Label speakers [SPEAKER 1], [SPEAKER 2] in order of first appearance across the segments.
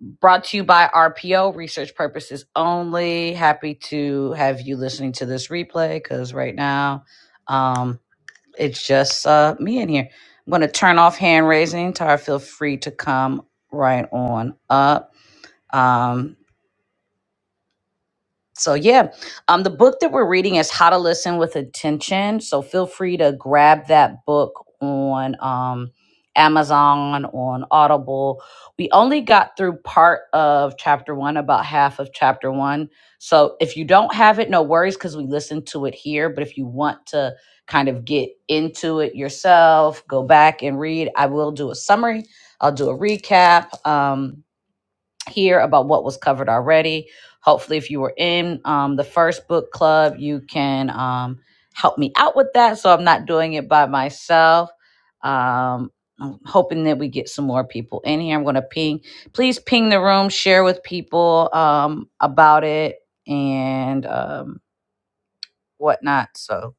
[SPEAKER 1] brought to you by RPO, research purposes only. Happy to have you listening to this replay because right now um, it's just uh, me in here. I'm going to turn off hand raising. Tara, feel free to come right on up. Um, so yeah um the book that we're reading is how to listen with attention so feel free to grab that book on um amazon on audible we only got through part of chapter one about half of chapter one so if you don't have it no worries because we listened to it here but if you want to kind of get into it yourself go back and read i will do a summary i'll do a recap um here about what was covered already. Hopefully, if you were in um, the first book club, you can um, help me out with that so I'm not doing it by myself. Um, I'm hoping that we get some more people in here. I'm going to ping. Please ping the room, share with people um, about it and um, whatnot. So,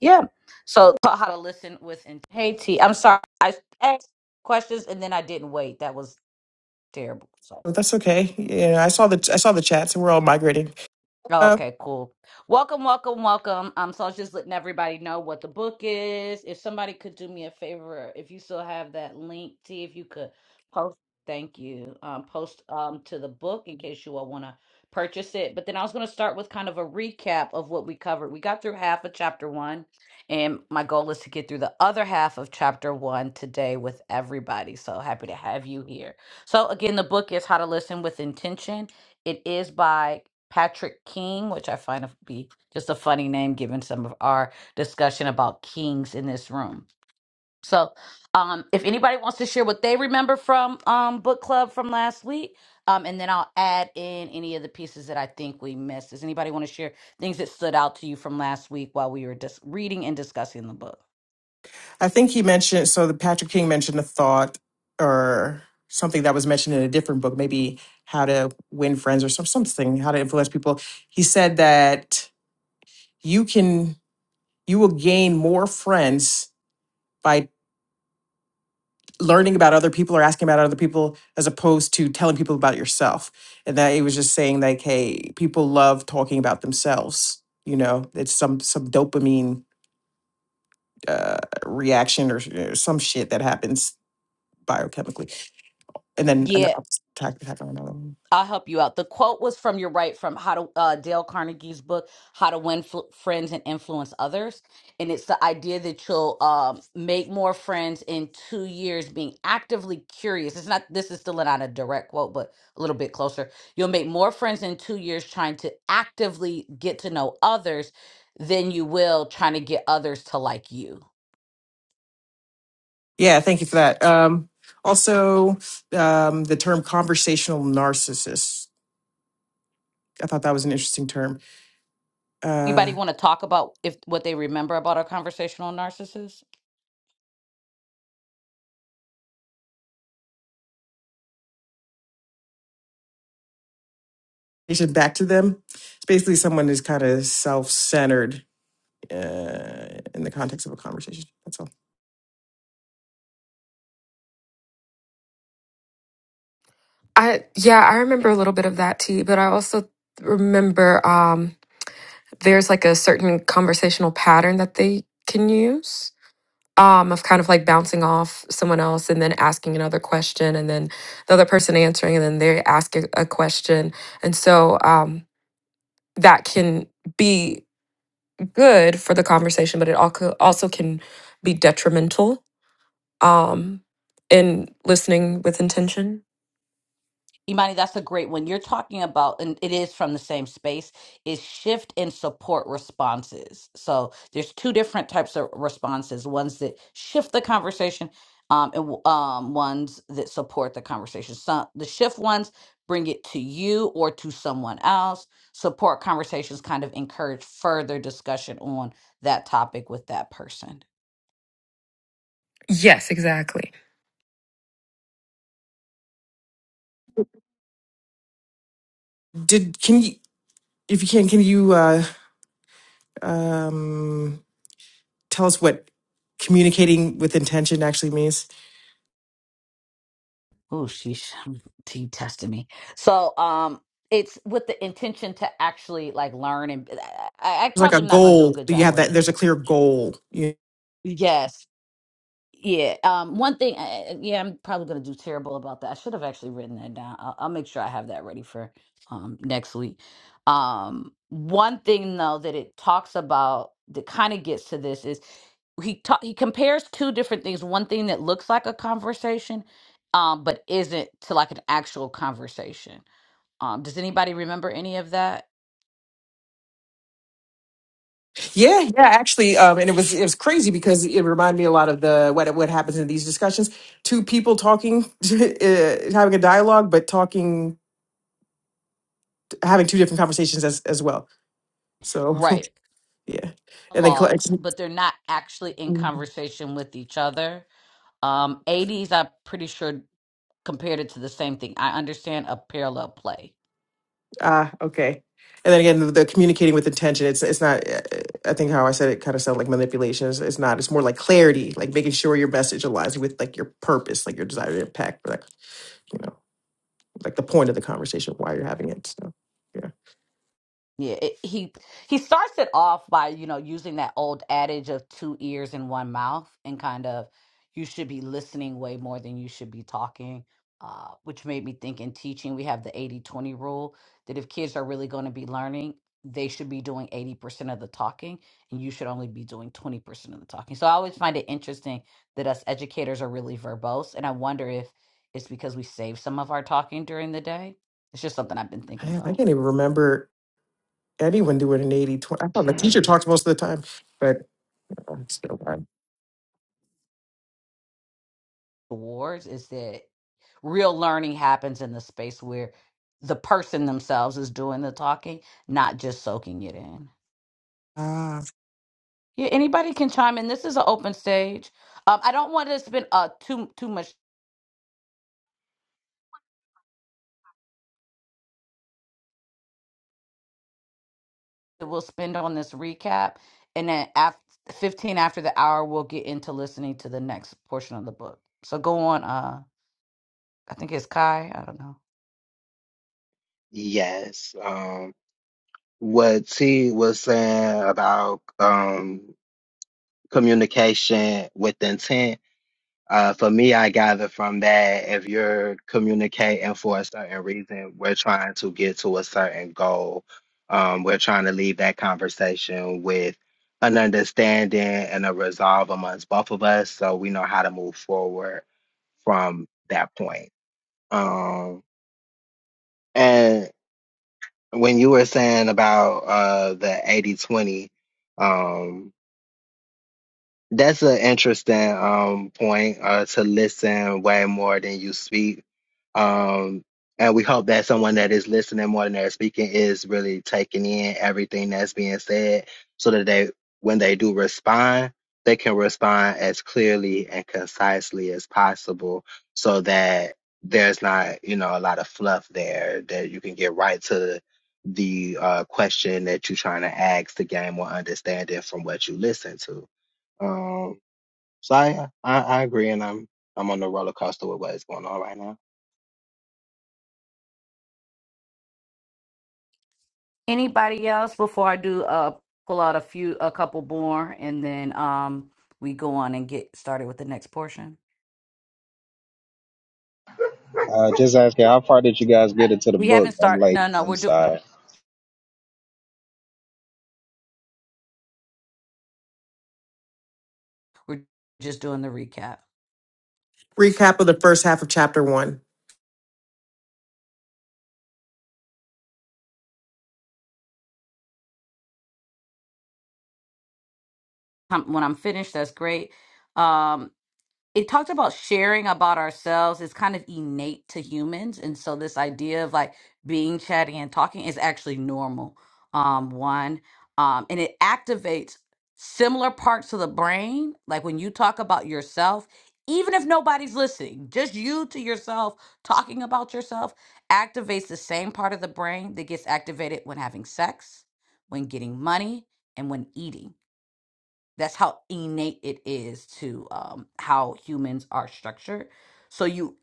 [SPEAKER 1] yeah. So, how to listen with. In- hey, T, I'm sorry. I asked questions and then I didn't wait. That was terrible. So.
[SPEAKER 2] Well, that's okay. Yeah, I saw the I saw the chats, and we're all migrating.
[SPEAKER 1] Oh,
[SPEAKER 2] Uh,
[SPEAKER 1] okay, cool. Welcome, welcome, welcome. Um, so I was just letting everybody know what the book is. If somebody could do me a favor, if you still have that link, see if you could post. Thank you. Um, post um to the book in case you all want to purchase it. But then I was going to start with kind of a recap of what we covered. We got through half of chapter one, and my goal is to get through the other half of chapter one today with everybody. So happy to have you here. So again, the book is How to Listen with Intention. It is by Patrick King, which I find to be just a funny name given some of our discussion about kings in this room. So, um, if anybody wants to share what they remember from um, book club from last week, um, and then I'll add in any of the pieces that I think we missed. Does anybody want to share things that stood out to you from last week while we were just reading and discussing the book?
[SPEAKER 2] I think he mentioned so the Patrick King mentioned a thought or something that was mentioned in a different book, maybe how to win friends or some something, how to influence people. He said that you can you will gain more friends by learning about other people or asking about other people as opposed to telling people about yourself. And that he was just saying like, hey, people love talking about themselves. You know, it's some some dopamine uh, reaction or you know, some shit that happens biochemically. And then an attack attack on another one.
[SPEAKER 1] I'll help you out. The quote was from your right from how to uh, Dale Carnegie's book, How to Win Fl- Friends and Influence Others, and it's the idea that you'll um, make more friends in two years being actively curious. It's not this is still not a direct quote, but a little bit closer. You'll make more friends in two years trying to actively get to know others than you will trying to get others to like you.
[SPEAKER 2] Yeah, thank you for that. Um, also, um, the term conversational narcissist. I thought that was an interesting term.
[SPEAKER 1] Anybody
[SPEAKER 2] Uh,
[SPEAKER 1] want to talk about if what they remember about our conversational narcissist?
[SPEAKER 2] you should back to them. It's basically someone who's kind of self centered uh, in the context of a conversation. That's all.
[SPEAKER 3] I yeah, I remember a little bit of that too, but I also remember um there's like a certain conversational pattern that they can use. Um, of kind of like bouncing off someone else and then asking another question and then the other person answering and then they ask a a question. And so um that can be good for the conversation, but it alco- also can be detrimental um, and listening with intention.
[SPEAKER 1] Imani, that's a great one. You're talking about, and it is from the same space, is shift and support responses. So there's two different types of responses ones that shift the conversation, um, and w- um, ones that support the conversation. Some the shift ones bring it to you or to someone else. Support conversations kind of encourage further discussion on that topic with that person.
[SPEAKER 3] Yes, exactly.
[SPEAKER 2] Did can you if you can can you uh, um, tell us what communicating with intention actually means?
[SPEAKER 1] Oh, sheesh. He tested me. So, um, it's with the intention to actually like learn and uh, I, I
[SPEAKER 2] It's like a
[SPEAKER 1] probably am not going to do a
[SPEAKER 2] goal.
[SPEAKER 1] good
[SPEAKER 2] Do You
[SPEAKER 1] job
[SPEAKER 2] have
[SPEAKER 1] on
[SPEAKER 2] that.
[SPEAKER 1] this.
[SPEAKER 2] There's a
[SPEAKER 1] one.
[SPEAKER 2] clear goal. You-
[SPEAKER 1] Yes. Yeah. Um. One thing. Uh, yeah, I'm probably gonna do terrible about that. I should have actually written that down. I'll, I'll make sure I have that ready for um next week. Um. One thing though that it talks about that kind of gets to this is he ta- he compares two different things. One thing that looks like a conversation, um, but isn't to like an actual conversation. Um. Does anybody remember any of that?
[SPEAKER 2] Yeah, yeah. Actually, um, and it was it was crazy because it reminded me a lot of the what what happens in these discussions. Two people talking, uh, having a dialogue, but talking having two different conversations as as well. So
[SPEAKER 1] Right.
[SPEAKER 2] yeah, and then collect.
[SPEAKER 1] Logs, but they're not actually in
[SPEAKER 2] mm-hmm.
[SPEAKER 1] conversation with each other. Um, 80s, I'm pretty sure compared it to the same thing. I understand a parallel play.
[SPEAKER 2] Ah, okay. And then again, the, the communicating with intention. It's it's not. uh, I think how I said it kind of sounded like manipulation. It's, it's not. It's more like clarity, like making sure your message aligns with like your purpose, like your desired impact, like you know, like the point of the conversation, why you're having it. So yeah.
[SPEAKER 1] Yeah, it, he he starts it off by, you know, using that old adage of two ears and one mouth and kind of you should be listening way more than you should be talking. Uh, which made me think in teaching, we have the eighty twenty rule that if kids are really going to be learning, they should be doing 80% of the talking and you should only be doing 20% of the talking. So I always find it interesting that us educators are really verbose, and I wonder if it's because we save some of our talking during the day. It's just something I've been thinking
[SPEAKER 2] Damn, I
[SPEAKER 1] about
[SPEAKER 2] can't even remember anyone doing an 80 twenty. I thought the teacher talks most of the time, but uh, it's still fine.
[SPEAKER 1] the wars is that real learning happens in the space where the person themselves is doing the talking, not just soaking it in.
[SPEAKER 2] Uh,
[SPEAKER 1] Yeah, anybody can chime in. This is an open stage. Um, I don't want to spend uh too too much. that We'll spend on this recap, and then after fifteen after the hour, we'll get into listening to the next portion of the book. So go on. Uh, I think it's Kai. I don't know.
[SPEAKER 4] Yes. Um, what T was saying about um, communication with intent, uh, for me, I gather from that if you're communicating for a certain reason, we're trying to get to a certain goal. Um, we're trying to leave that conversation with an understanding and a resolve amongst both of us so we know how to move forward from that point. Um, when you were saying about uh the 80 20. um that's an interesting um point uh to listen way more than you speak. Um and we hope that someone that is listening more than they're speaking is really taking in everything that's being said so that they when they do respond, they can respond as clearly and concisely as possible so that there's not, you know, a lot of fluff there that you can get right to the uh question that you're trying to ask to gain more understanding from what you listen to. Um, so I, uh, I I agree, and I'm I'm on the roller coaster with what is going on right now.
[SPEAKER 1] Anybody else before I do uh pull out a few a couple more, and then um we go on and get started with the next portion.
[SPEAKER 5] Uh, just asking, how far did you guys get into the
[SPEAKER 1] We
[SPEAKER 5] book?
[SPEAKER 1] haven't
[SPEAKER 5] I'm
[SPEAKER 1] started.
[SPEAKER 5] like,
[SPEAKER 1] No, no,
[SPEAKER 5] I'm
[SPEAKER 1] we're do
[SPEAKER 5] sorry.
[SPEAKER 1] we're just doing the recap.
[SPEAKER 2] recap of the first half of chapter one.
[SPEAKER 1] Um when I'm finished, that's great. Um, it talked about sharing about ourselves is kind of innate to humans and so this idea of like being chatty and talking is actually normal um one um and it activates similar parts of the brain like when you talk about yourself even if nobody's listening just you to yourself talking about yourself activates the same part of the brain that gets activated when having sex when getting money and when eating that's how innate it is to um how humans are structured so you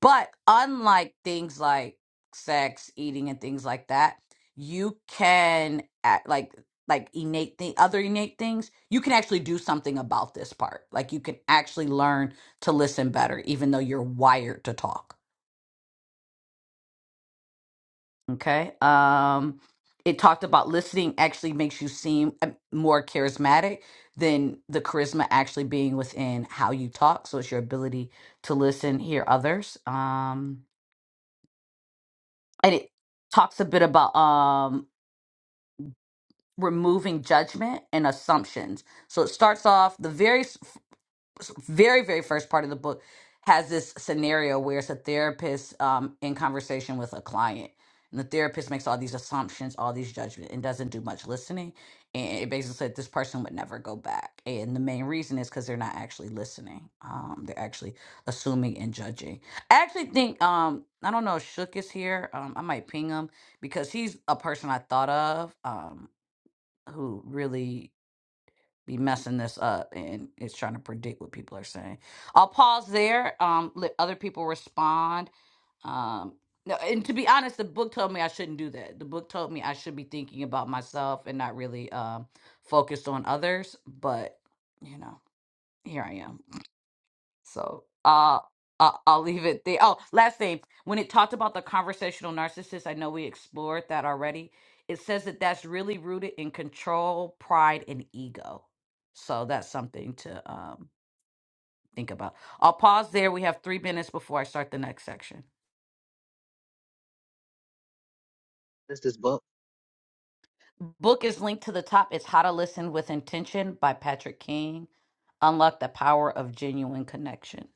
[SPEAKER 1] but unlike things like sex eating and things like that you can act like like innate thing other innate things you can actually do something about this part like you can actually learn to listen better even though you're wired to talk Okay. Um, it talked about listening actually makes you seem uh, more charismatic than the charisma actually being within how you talk. So it's your ability to listen, hear others. Um, and it talks a bit about um, removing judgment and assumptions. So it starts off the very very very first part of the book has this scenario where it's a therapist um, in conversation with a client and the therapist makes all these assumptions all these judgments and doesn't do much listening and it basically said this person would never go back and the main reason is because they're not actually listening um, they're actually assuming and judging i actually think um, i don't know if shook is here um, i might ping him because he's a person i thought of um, who really be messing this up and it's trying to predict what people are saying. I'll pause there. Um, let other people respond. Um, no, and to be honest, the book told me I shouldn't do that. The book told me I should be thinking about myself and not really um focused on others. But you know, here I am. So uh, uh, I'll leave it there. Oh, last thing. When it talked about the conversational narcissist, I know we explored that already. It says that that's really rooted in control, pride, and ego. So that's something to um, think about. I'll pause there. We have three minutes before I start the next section.
[SPEAKER 4] It's this book.
[SPEAKER 1] Book is linked to the top. It's How to Listen with Intention by Patrick King. Unlock the power of genuine connection.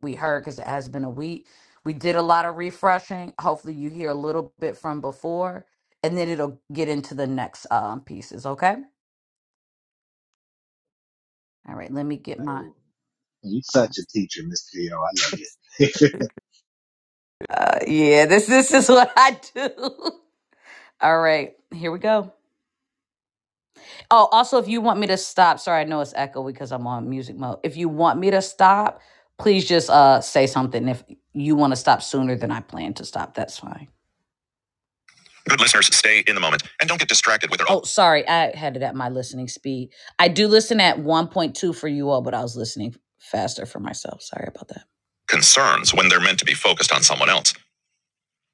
[SPEAKER 1] we heard because it has been a week. We did a lot of refreshing. Hopefully, you hear a little bit from before, and then it'll get into the next um, pieces. Okay. All right. Let me get my.
[SPEAKER 5] Oh, you
[SPEAKER 1] Uh,
[SPEAKER 5] such a teacher, Mr. Yo. I love it.
[SPEAKER 1] uh, yeah, this this is what I do. All right, here we go. Oh, also, if you want me to stop, sorry, I know it's echo because I'm on music mode. If you want me to stop, please just uh say something. If you want to stop sooner than I plan to stop, that's fine. Good listeners, stay in the moment and don't get distracted with their own. Oh, sorry. I had it at my listening speed. I do listen at 1.2 for you all, but I was listening faster for myself. Sorry about that. Concerns when they're meant to be focused on someone else.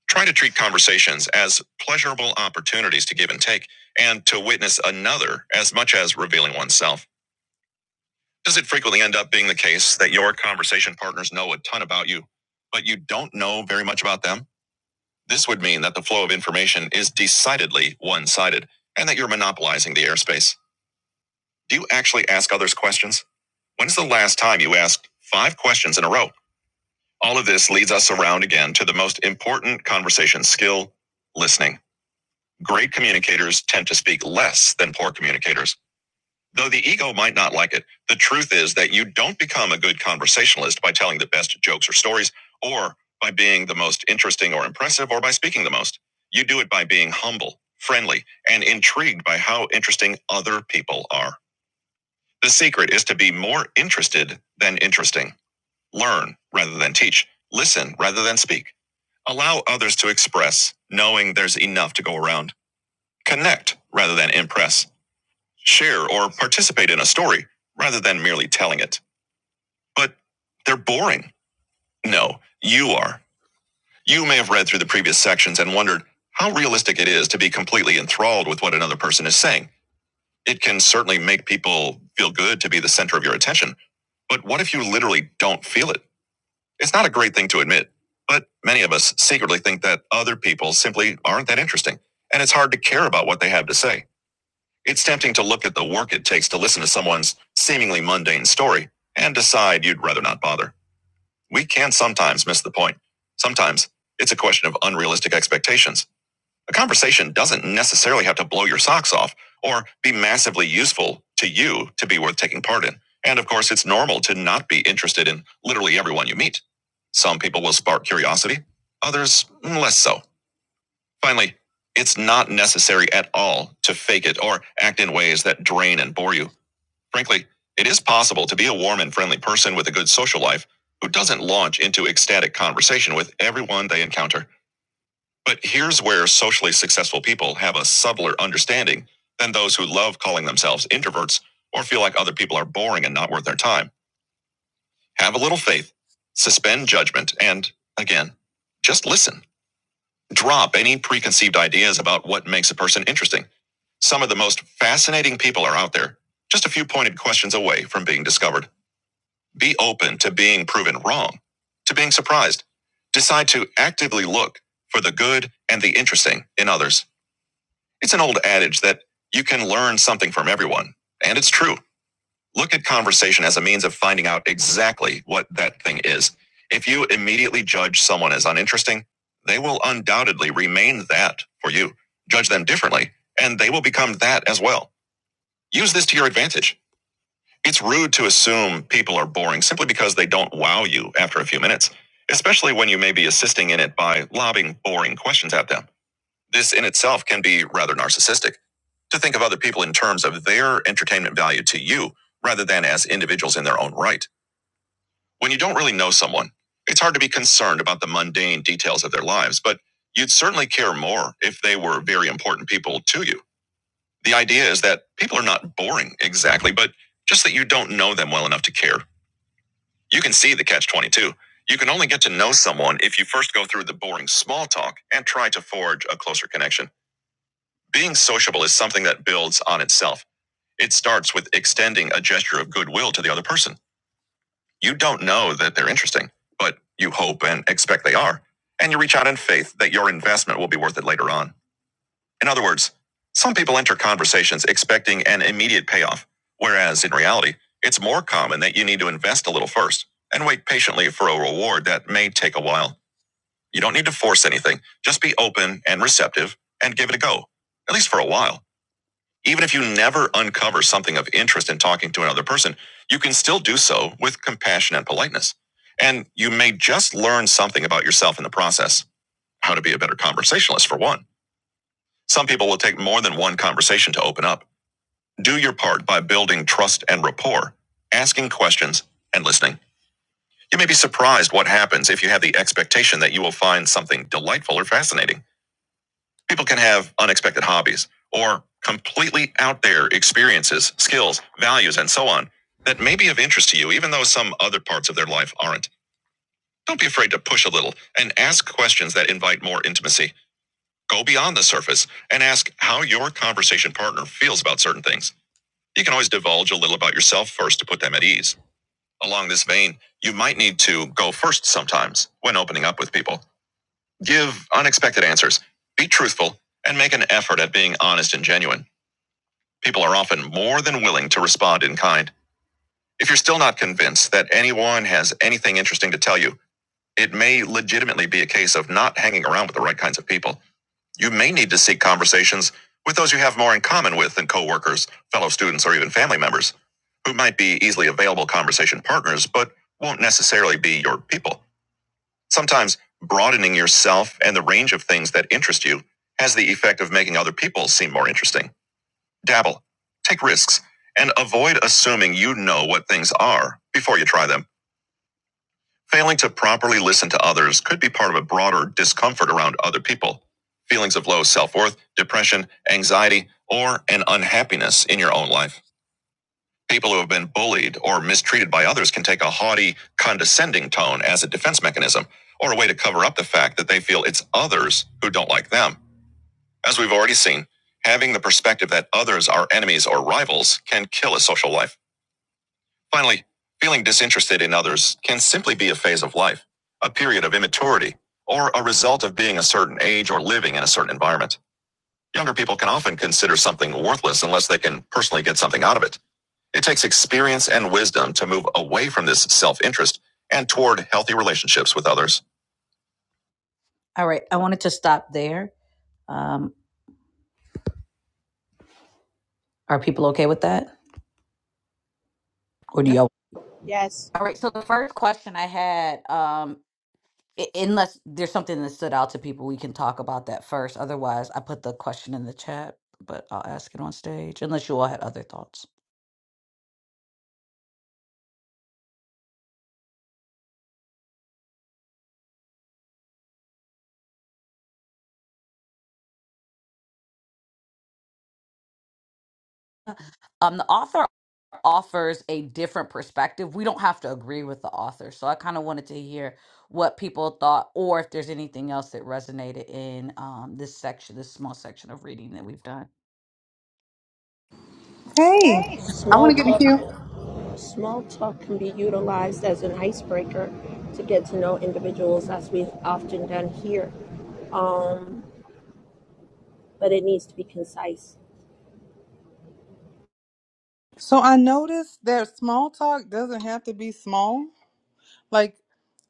[SPEAKER 1] Try to treat conversations as pleasurable opportunities to give and take and to witness another as much as revealing oneself. Does it frequently end up being the case that your conversation partners know a ton about you, but you don't know very much about them? This would mean that the flow of information is decidedly one sided and that you're monopolizing the airspace. Do you actually ask others questions? When's the last time you asked five questions in a row? All of this leads us around again to the most important conversation skill listening. Great communicators tend to speak less than poor communicators. Though the ego might not like it, the truth is that you don't become a good conversationalist by telling the best jokes or stories, or by being the most interesting or impressive, or by speaking the most. You do it by being humble, friendly, and intrigued by how interesting other people are. The secret is to be more interested than interesting. Learn rather than teach. Listen rather than speak. Allow others to express, knowing there's enough to go around. Connect rather than impress share or participate in a story rather than merely telling it. But they're boring. No, you are. You may have read through the previous sections and wondered how realistic it is to be completely enthralled with what another person is saying. It can certainly make people feel good to be the center of your attention, but what if you literally don't feel it? It's not a great thing to admit, but many of us secretly think that other people simply aren't that interesting, and it's hard to care about what they have to say. It's tempting to look at the work it takes to listen to someone's seemingly mundane story and decide you'd rather not bother. We can sometimes miss the point. Sometimes it's a question of unrealistic expectations. A conversation doesn't necessarily have to blow your socks off or be massively useful to you to be worth taking part in. And of course, it's normal to not be interested in literally everyone you meet. Some people will spark curiosity, others mm, less so. Finally, it's not necessary at all to fake it or act in ways that drain and bore you. Frankly, it is possible to be a warm and friendly person with a good social life who doesn't launch into ecstatic conversation with everyone they encounter. But here's where socially successful people have a subtler understanding than those who love calling themselves introverts or feel like other people are boring and not worth their time. Have a little faith, suspend judgment, and again, just listen. Drop any preconceived ideas about what makes a person interesting. Some of the most fascinating people are out there, just a few pointed questions away from being discovered. Be open to being proven wrong, to being surprised. Decide to actively look for the good and the interesting in others. It's an old adage that you can learn something from everyone, and it's true. Look at conversation as a means of finding out exactly what that thing is. If you immediately judge someone as uninteresting, they will undoubtedly remain that for you. Judge them differently, and they will become that as well. Use this to your advantage. It's rude to assume people are boring simply because they don't wow you after a few minutes, especially when you may be assisting in it by lobbing boring questions at them. This in itself can be rather narcissistic to think of other people in terms of their entertainment value to you rather than as individuals in their own right. When you don't really know someone, it's hard to be concerned about the mundane details of their lives, but you'd certainly care more if they were very important people to you. The idea is that people are not boring exactly, but just that you don't know them well enough to care. You can see the catch 22. You can only get to know someone if you first go through the boring small talk and try to forge a closer connection. Being sociable is something that builds on itself. It starts with extending a gesture of goodwill to the other person. You don't know that they're interesting, but you hope and expect they are. And you reach out in faith that your investment will be worth it later on. In other words, some people enter conversations expecting an immediate payoff, whereas in reality, it's more common that you need to invest a little first and wait patiently for a reward that may take a while. You don't need to force anything, just be open and receptive and give it a go, at least for a while. Even if you never uncover something of interest in talking to another person, you can still do so with compassion and politeness. And you may just learn something about yourself in the process. How to be a better conversationalist, for one. Some people will take more than one conversation to open up. Do your part by building trust and rapport, asking questions, and listening. You may be surprised what happens if you have the expectation that you will find something delightful or fascinating. People can have unexpected hobbies or completely out there experiences, skills, values, and so on that may be of interest to you, even though some other parts of their life aren't. Don't be afraid to push a little and ask questions that invite more intimacy. Go beyond the surface and ask how your conversation partner feels about certain things. You can always divulge a little about yourself first to put them at ease. Along this vein, you might need to go first sometimes when opening up with people. Give unexpected answers. Be truthful and make an effort at being honest and genuine. People are often more than willing to respond in kind. If you're still not convinced that anyone has anything interesting to tell you, it may legitimately be a case of not hanging around with the right kinds of people. You may need to seek conversations with those you have more in common with than coworkers, fellow students, or even family members, who might be easily available conversation partners but won't necessarily be your people. Sometimes broadening yourself and the range of things that interest you has the effect of making other people seem more interesting. Dabble, take risks, and avoid assuming you know what things are before you try them. Failing to properly listen to others could be part of a broader discomfort around other people. Feelings of low self worth, depression, anxiety, or an unhappiness in your own life. People who have been bullied or mistreated by others can take a haughty, condescending tone as a defense mechanism or a way to cover up the fact that they feel it's others who don't like them. As we've already seen, having the perspective that others are enemies or rivals can kill a social life. Finally, feeling disinterested in others can simply be a phase of life, a period of immaturity, or a result of being a certain age or living in a certain environment. Younger people can often consider something worthless unless they can personally get something out of it. It takes experience and wisdom to move away from this self interest and toward healthy relationships with others. All right. I wanted to stop there. Um, are people okay with that? Or do
[SPEAKER 2] Yeah.
[SPEAKER 1] y'all?
[SPEAKER 6] Yes.
[SPEAKER 1] All right. So the first question I had um, I- Unless there's something that stood out to people, we can talk about that first. Otherwise, I put the question in the chat, but I'll ask it on stage, unless you all had other thoughts. Um, the author offers a different perspective. We don't have to agree with the author. So I kind of wanted to hear what people thought or if there's anything else that resonated in um, this section, this small section of reading that we've done.
[SPEAKER 7] Hey,
[SPEAKER 6] Okay.
[SPEAKER 7] I want
[SPEAKER 6] Small
[SPEAKER 7] to get in the
[SPEAKER 6] talk
[SPEAKER 7] queue.
[SPEAKER 6] small talk can be utilized as an icebreaker to get to know individuals as we've often done here. Um, but it needs to be concise.
[SPEAKER 7] So I noticed that small talk doesn't have to be small. Like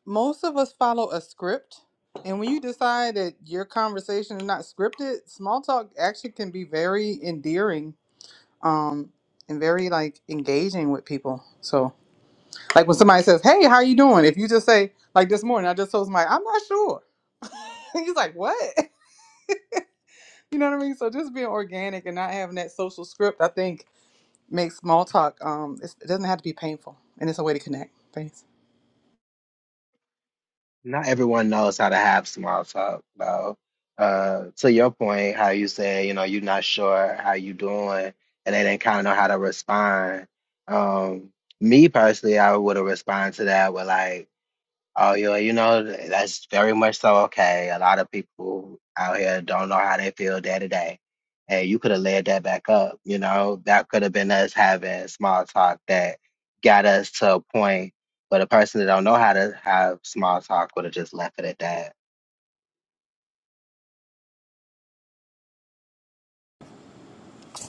[SPEAKER 7] most of us follow a script, and when you decide that your conversation is not scripted, small talk actually can be very endearing, um, and very like engaging with people. So like when somebody says, "Hey, how you doing?" If you just say like this morning, I just told somebody, "I'm not sure." He's like, "What?" You know what I mean? So just being organic and not having that social script, I think Make small talk. Um, it's, it doesn't have to be painful, and it's a way to connect. Thanks.
[SPEAKER 4] Not everyone knows how to have small talk, though. Uh, to your point, how you say, you know, you're not sure how you doing, and they didn't kind of know how to respond. Um, me personally, I would have responded to that with like. Oh, yeah, you know, th- that's very much so okay. A lot of people out here don't know how they feel day to day. And you could have led that back up, you know, that could have been us having small talk that got us to a point. But a person that don't know how to have small talk would have just left it at that.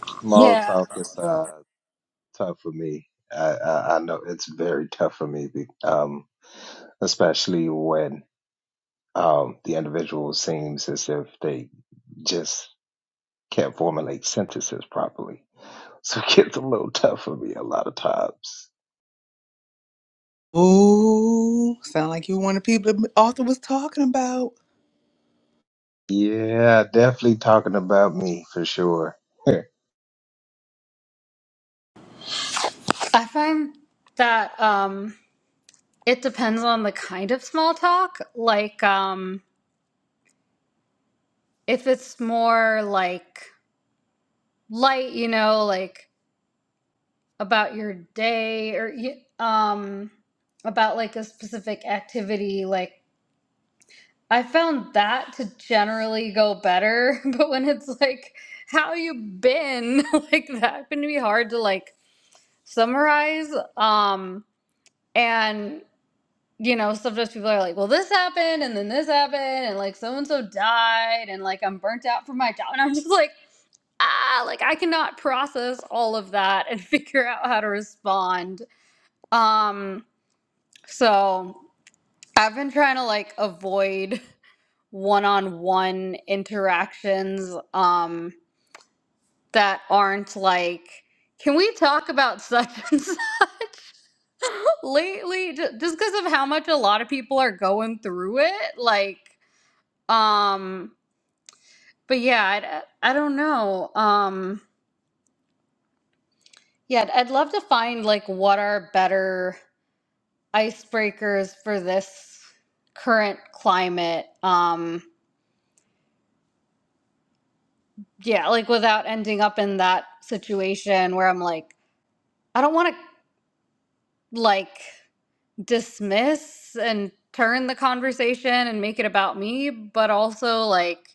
[SPEAKER 5] Small
[SPEAKER 8] Yeah,
[SPEAKER 5] talk is uh, tough for me. I, I, I know it's very tough for me, be- um, especially when um, the individual seems as if they just can't formulate sentences properly. So it gets a little tough for me a lot of times.
[SPEAKER 7] Ooh, sound like you were one of the people that Arthur was talking about.
[SPEAKER 5] Yeah, definitely talking about me for sure.
[SPEAKER 8] I find that um, it depends on the kind of small talk. Like, um, if it's more like light, you know, like about your day or y- um, about like a specific activity, like I found that to generally go better. But when it's like, how you been, like that can be hard to like summarize. Um, and you know, sometimes people are like, well, this happened and then this happened and like so and so died and like I'm burnt out from my job. And I'm just like, ah, like I cannot process all of that and figure out how to respond. Um, so I've been trying to like avoid one on one interactions um that aren't like, can we talk about such and such lately? Ju- Just because of how much a lot of people are going through it. Like, Um, but yeah, I, I don't know. Um, yeah, I'd, I'd love to find like what are better icebreakers for this current climate. Um, yeah, like without ending up in that situation where I'm like, I don't want to like dismiss and turn the conversation and make it about me, but also like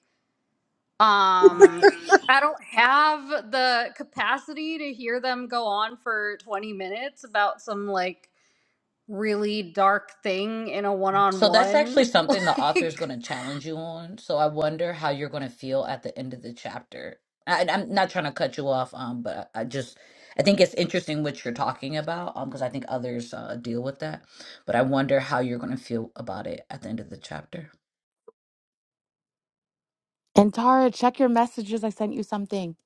[SPEAKER 8] um i don't have the capacity to hear them go on for 20 minutes about some like really dark thing in a
[SPEAKER 1] So that's
[SPEAKER 8] one-on-one
[SPEAKER 1] actually something the author is
[SPEAKER 8] Like,
[SPEAKER 1] going to challenge you on. So I wonder how you're going to feel at the end of the chapter. I, and I'm not trying to cut you off, um, but I just I think it's interesting what you're talking about, um, because I think others uh, deal with that. But I wonder how you're going to feel about it at the end of the chapter.
[SPEAKER 9] And Tara, check your messages. I sent you something.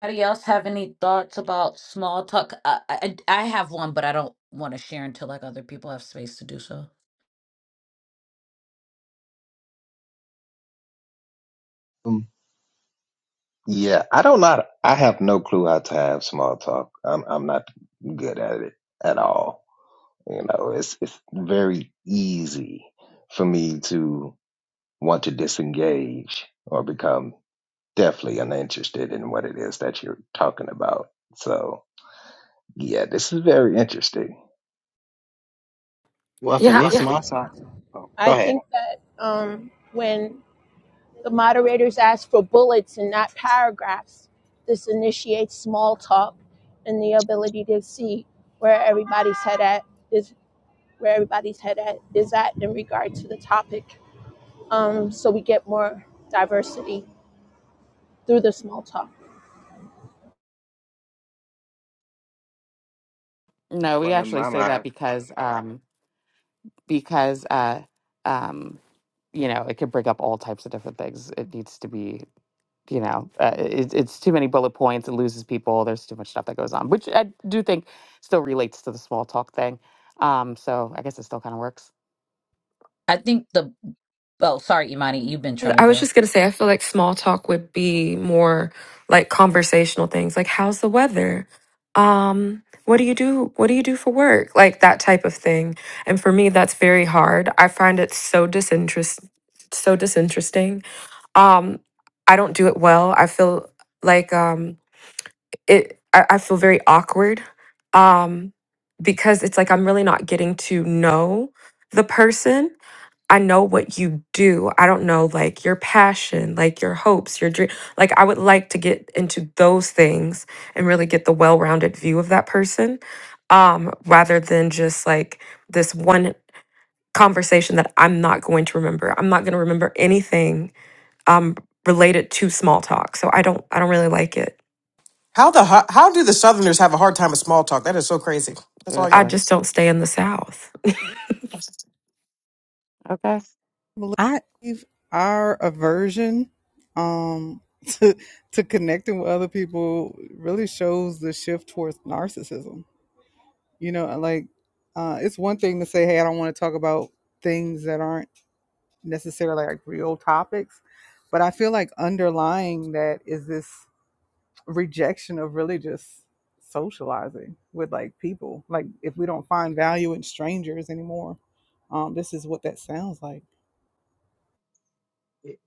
[SPEAKER 1] Anybody else have any thoughts about small talk? I, I, I have one, but I don't want to share until like other people have space to do so.
[SPEAKER 5] Yeah, I don't not I have no clue how to have small talk. I'm I'm not good at it at all. You know, it's it's very easy for me to want to disengage or become definitely uninterested in what it is that you're talking about. So yeah, this is very interesting.
[SPEAKER 4] Well, for
[SPEAKER 3] Yeah,
[SPEAKER 4] me,
[SPEAKER 6] Well,
[SPEAKER 4] small
[SPEAKER 6] Yeah.
[SPEAKER 4] talk. Oh, go
[SPEAKER 6] I
[SPEAKER 4] ahead.
[SPEAKER 6] think that um, when the moderators ask for bullets and not paragraphs, this initiates small talk and the ability to see where everybody's head at is where everybody's head at is at in regard to the topic. um, so we get more diversity through the small talk.
[SPEAKER 9] No, we
[SPEAKER 4] Well, in
[SPEAKER 9] actually
[SPEAKER 4] my
[SPEAKER 9] say
[SPEAKER 4] mind.
[SPEAKER 9] that because um because uh um you know it could bring up all types of different things. It needs to be you know uh, it, it's too many bullet points. It loses people. There's too much stuff that goes on, which I do think still relates to the small talk thing. Um, so I guess it still kind of works.
[SPEAKER 1] I think the, oh, sorry, Imani, you've been trying to
[SPEAKER 3] I was
[SPEAKER 1] go.
[SPEAKER 3] just gonna say, I feel like small talk would be more like conversational things, like how's the weather? Um, what do you do? What do you do for work? Like that type of thing. And for me, that's very hard. I find it so disinterest, so disinteresting um i don't do it well i feel like um it i, I feel very awkward um because it's like i'm really not getting to know the person i know what you do i don't know like your passion like your hopes your dream like i would like to get into those things and really get the well-rounded view of that person um rather than just like this one conversation that i'm not going to remember i'm not going to remember anything um, related to small talk. So I don't I don't really like it.
[SPEAKER 2] How the ho- how do the Southerners have a hard time with small talk? That is so crazy. That's all y'all.
[SPEAKER 3] I
[SPEAKER 9] Seriously.
[SPEAKER 3] just
[SPEAKER 2] it's-
[SPEAKER 3] don't stay in the South.
[SPEAKER 9] Okay.
[SPEAKER 7] I Believe our aversion um, to to connecting with other people really shows the shift towards narcissism. You know, like uh, it's one thing to say, "Hey, I don't want to talk about things that aren't necessarily like real topics," but I feel like underlying that is this. rejection of really just socializing with like people. Like if we don't find value in strangers anymore, um, this is what that sounds like.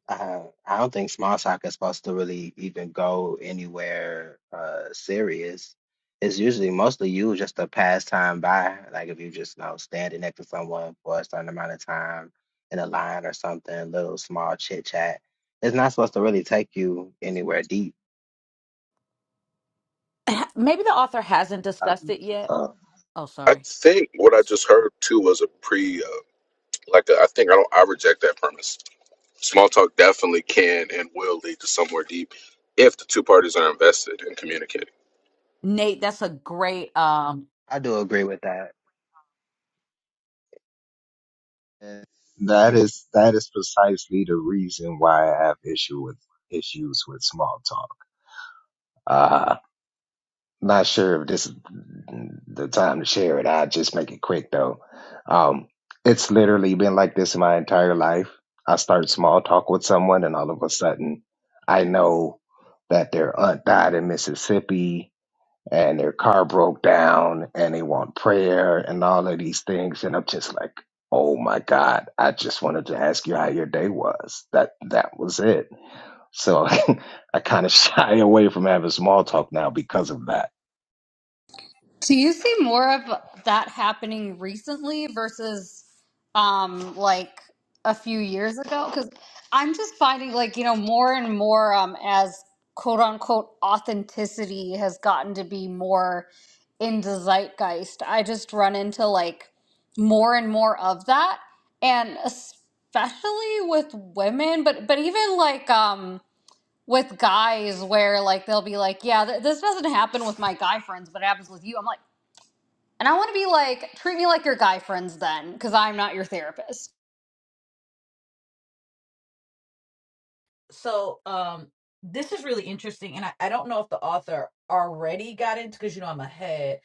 [SPEAKER 4] Uh, I don't think Small Talk is supposed to really even go anywhere uh serious. It's usually mostly you just a pastime by, like if you just you know standing next to someone for a certain amount of time in a line or something, little small chit chat. It's not supposed to really take you anywhere deep.
[SPEAKER 1] Ha- Maybe the author hasn't
[SPEAKER 5] I,
[SPEAKER 1] discussed it yet.
[SPEAKER 5] uh,
[SPEAKER 1] Oh,
[SPEAKER 10] I
[SPEAKER 1] sorry.
[SPEAKER 10] think what I
[SPEAKER 1] S-
[SPEAKER 10] just heard too was a pre, uh, like a, I think I don't, I reject that premise. Small talk definitely can and will lead to somewhere deep if the two parties are invested in communicating.
[SPEAKER 1] Nate, that's a great, um,
[SPEAKER 4] I do agree with that.
[SPEAKER 5] and that is that is precisely the reason why I have issue with issues with small talk. Uh, Not sure if this is the time to share it. I'll just make it quick though. Um, it's literally been like this my entire life. I start small talk with someone, and all of a sudden, I know that their aunt died in Mississippi, and their car broke down, and they want prayer, and all of these things. And I'm just like, oh my God! I just wanted to ask you how your day was. That that was it. So I kind of shy away from having small talk now because of that
[SPEAKER 8] Do you see more of that happening recently versus um like a few years ago? Because I'm just finding like, you know, more and more um as quote unquote authenticity has gotten to be more in the zeitgeist. I just run into like more and more of that. And especially with women, but but even like um with guys where like they'll be like, yeah, th- this doesn't happen with my guy friends, but it happens with you. I'm like, and I want to be like, treat me like your guy friends then, because I'm not your therapist.
[SPEAKER 1] so, um, this is really interesting. And I, I don't know if the author already got into, cause you know, I'm ahead.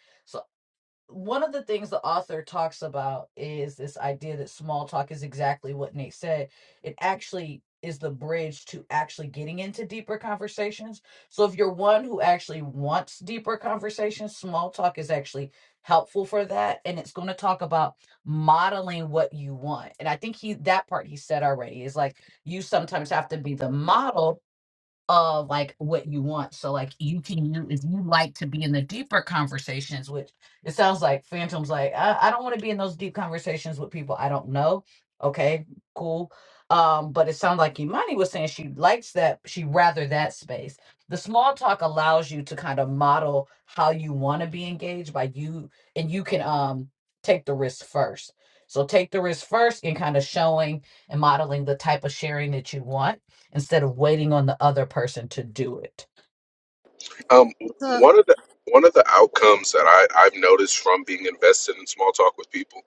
[SPEAKER 1] one of the things the author talks about is this idea that small talk is exactly what Nate said. It actually is the bridge to actually getting into deeper conversations. So if you're one who actually wants deeper conversations, small talk is actually helpful for that and it's going to talk about modeling what you want. And I think he that part he said already is like you sometimes have to be the model of like what you want. So like you can you if you like to be in the deeper conversations, which it sounds like Phantom's like, I, I don't want to be in those deep conversations with people I don't know. Okay, cool. Um, but it sounds like Imani was saying she likes that, she rather that space. The small talk allows you to kind of model how you want to be engaged by you and you can um take the risk first. So take the risk first in kind of showing and modeling the type of sharing that you want instead of waiting on the other person to do it.
[SPEAKER 10] Um,
[SPEAKER 8] So
[SPEAKER 10] one of the one of the outcomes that I, I've noticed from being invested in small talk with people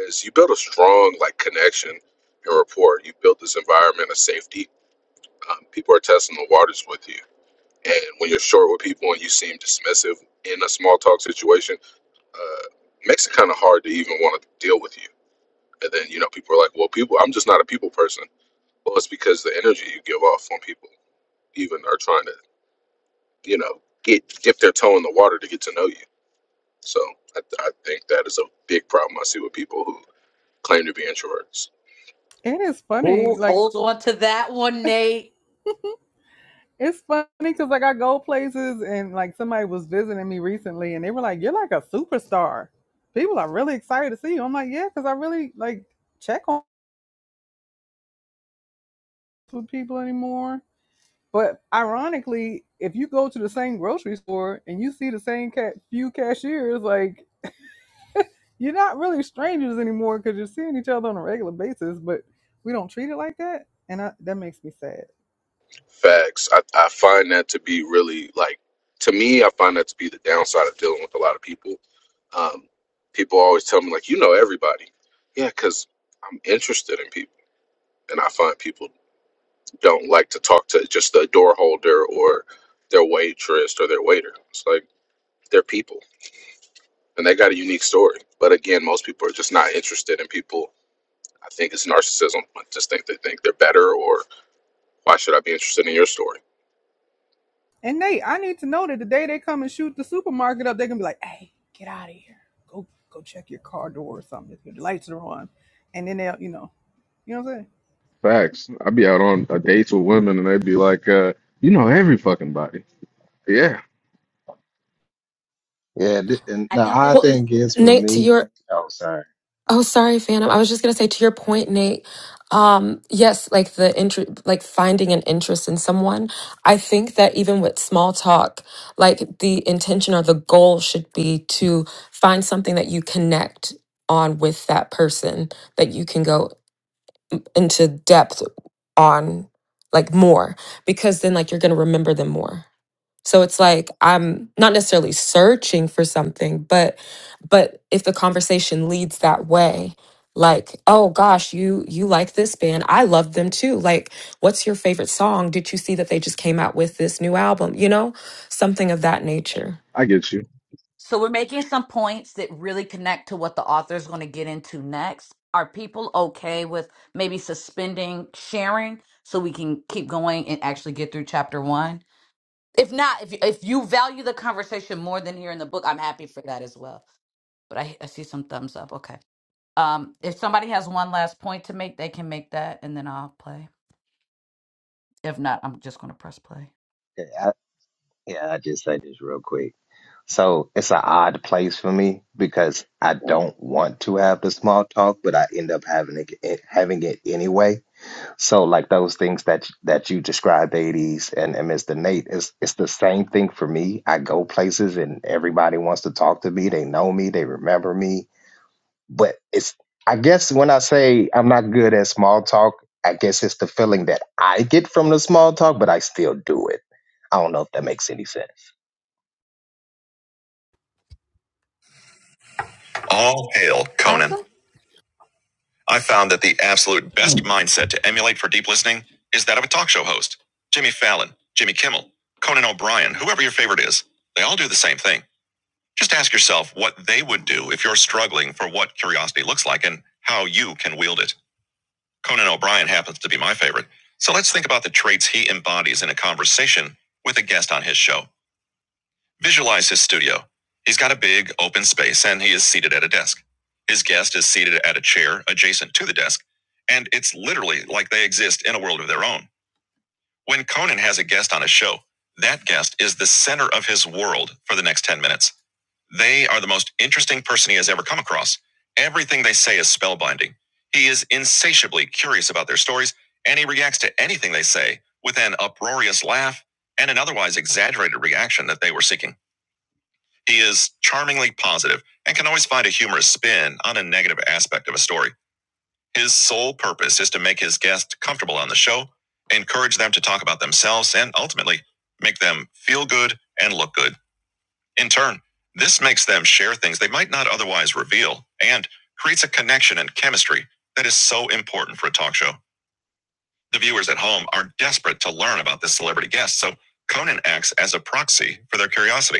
[SPEAKER 10] is you build a strong like connection and rapport. You build this environment of safety. Um, people are testing the waters with you, and when you're short with people and you seem dismissive in a small talk situation uh, makes it kind of hard to even want to deal with you. And then you know people are like, well, people, I'm just not a people person. Well, it's because the energy you give off when people even are trying to you know get dip their toe in the water to get to know you. So I, I think that is a big problem I see with people who claim to be introverts.
[SPEAKER 7] It is funny,
[SPEAKER 1] Ooh,
[SPEAKER 7] like
[SPEAKER 1] hold on to that one, Nate.
[SPEAKER 7] It's funny because like I go places and like somebody was visiting me recently and they were like, "You're like a superstar. People are really excited to see you." I'm like, "Yeah," because I really like check on with people anymore. But ironically, if you go to the same grocery store and you see the same ca- few cashiers, like You're not really strangers anymore because you're seeing each other on a regular basis, but we don't treat it like that, and I, that makes me sad.
[SPEAKER 10] Facts. I, I find that to be really like to me, I find that to be the downside of dealing with a lot of people. Um, people always tell me like, you know everybody. Yeah, because I'm interested in people, and I find people don't like to talk to just the door holder or their waitress or their waiter. It's like they're people and they got a unique story. But again, most people are just not interested in people. I think it's narcissism. I just think they think they're better or why should I be interested in your story?
[SPEAKER 7] And Nate, I need to know that the day they come and shoot the supermarket up, they're gonna be like, "Hey, get out of here! Go, go check your car door or something. If your lights are on." And then they'll, you know, you know what I'm saying?
[SPEAKER 10] Facts. I'd be out on a dates with women and they'd be like, uh, you know every fucking body. Yeah.
[SPEAKER 5] Yeah, th- and
[SPEAKER 1] I
[SPEAKER 5] the
[SPEAKER 1] think
[SPEAKER 5] odd
[SPEAKER 1] this
[SPEAKER 3] Well,
[SPEAKER 1] is
[SPEAKER 3] N-
[SPEAKER 5] thing is for
[SPEAKER 3] Nate, to
[SPEAKER 5] me.
[SPEAKER 3] your
[SPEAKER 5] Oh, sorry.
[SPEAKER 3] oh, sorry, Phantom. I was just gonna say to your point, Nate. Um, yes, like the interest, like finding an interest in someone. I think that even with small talk, like the intention or the goal should be to find something that you connect on with that person that you can go into depth on, like more, because then like you're gonna remember them more. So it's like I'm not necessarily searching for something, but but if the conversation leads that way, like, oh gosh, you you like this band. I love them too. Like, what's your favorite song? Did you see that they just came out with this new album? You know, something of that nature.
[SPEAKER 1] so we're making some points that really connect to what the author is going to get into next. Are people okay with maybe suspending sharing so we can keep going and actually get through chapter one? If not, if if you value the conversation more than here in the book, I'm happy for that as well. But I, I see some thumbs up. Okay. Um, if somebody has one last point to make, they can make that, and then I'll play. If not, I'm just going to press play.
[SPEAKER 5] Yeah, I, yeah, I just say this real quick. So it's an odd place for me because I don't want to have the small talk, but I end up having it, it having it anyway. So like those things that that you described, eighties and, and Mr. Nate, it's it's the same thing for me. I go places and everybody wants to talk to me. They know me. They remember me But it's I guess when I say I'm not good at small talk, I guess it's the feeling that I get from the small talk, but I still do it. I don't know if that makes any sense.
[SPEAKER 1] All hail,
[SPEAKER 8] I'm
[SPEAKER 1] Conan. I found that the absolute best mindset to emulate for deep listening is that of a talk show host. Jimmy Fallon, Jimmy Kimmel, Conan O'Brien, whoever your favorite is, they all do the same thing. Just ask yourself what they would do if you're struggling for what curiosity looks like and how you can wield it. Conan O'Brien happens to be my favorite. So let's think about the traits he embodies in a conversation with a guest on his show. Visualize his studio. He's got a big open space and he is seated at a desk. His guest is seated at a chair adjacent to the desk, and it's literally like they exist in a world of their own. When Conan has a guest on a show, that guest is the center of his world for the next 10 minutes. They are the most interesting person he has ever come across. Everything they say is spellbinding. He is insatiably curious about their stories, and he reacts to anything they say with an uproarious laugh and an otherwise exaggerated reaction that they were seeking. He is charmingly positive and can always find a humorous spin on a negative aspect of a story. His sole purpose is to make his guest comfortable on the show, encourage them to talk about themselves, and ultimately make them feel good and look good. In turn, this makes them share things they might not otherwise reveal and creates a connection and chemistry that is so important for a talk show. The viewers at home are desperate to learn about this celebrity guest, so Conan acts as a proxy for their curiosity.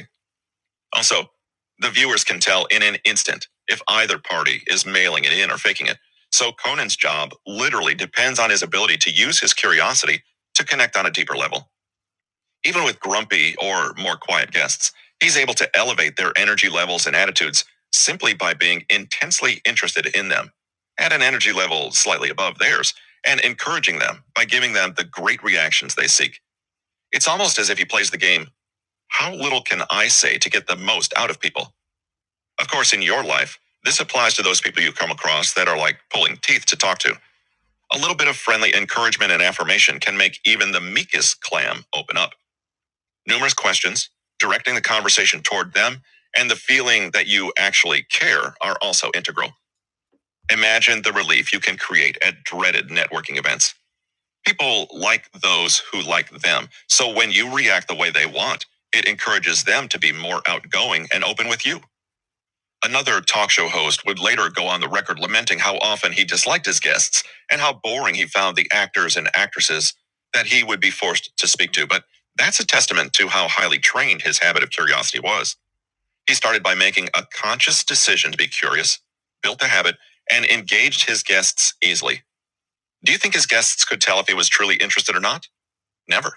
[SPEAKER 1] Also, the viewers can tell in an instant if either party is mailing it in or faking it. So Conan's job literally depends on his ability to use his curiosity to connect on a deeper level. Even with grumpy or more quiet guests, he's able to elevate their energy levels and attitudes simply by being intensely interested in them at an energy level slightly above theirs and encouraging them by giving them the great reactions they seek. It's almost as if he plays the game, how little can I say to get the most out of people? Of course, in your life, this applies to those people you come across that are like pulling teeth to talk to. A little bit of friendly encouragement and affirmation can make even the meekest clam open up. Numerous questions, directing the conversation toward them, and the feeling that you actually care are also integral. Imagine the relief you can create at dreaded networking events. People like those who like them. So when you react the way they want, it encourages them to be more outgoing and open with you. Another talk show host would later go on the record lamenting how often he disliked his guests and how boring he found the actors and actresses that he would be forced to speak to. But that's a testament to how highly trained his habit of curiosity was. He started by making a conscious decision to be curious, built the habit, and engaged his guests easily. Do you think his guests could tell if he was truly interested or not? Never.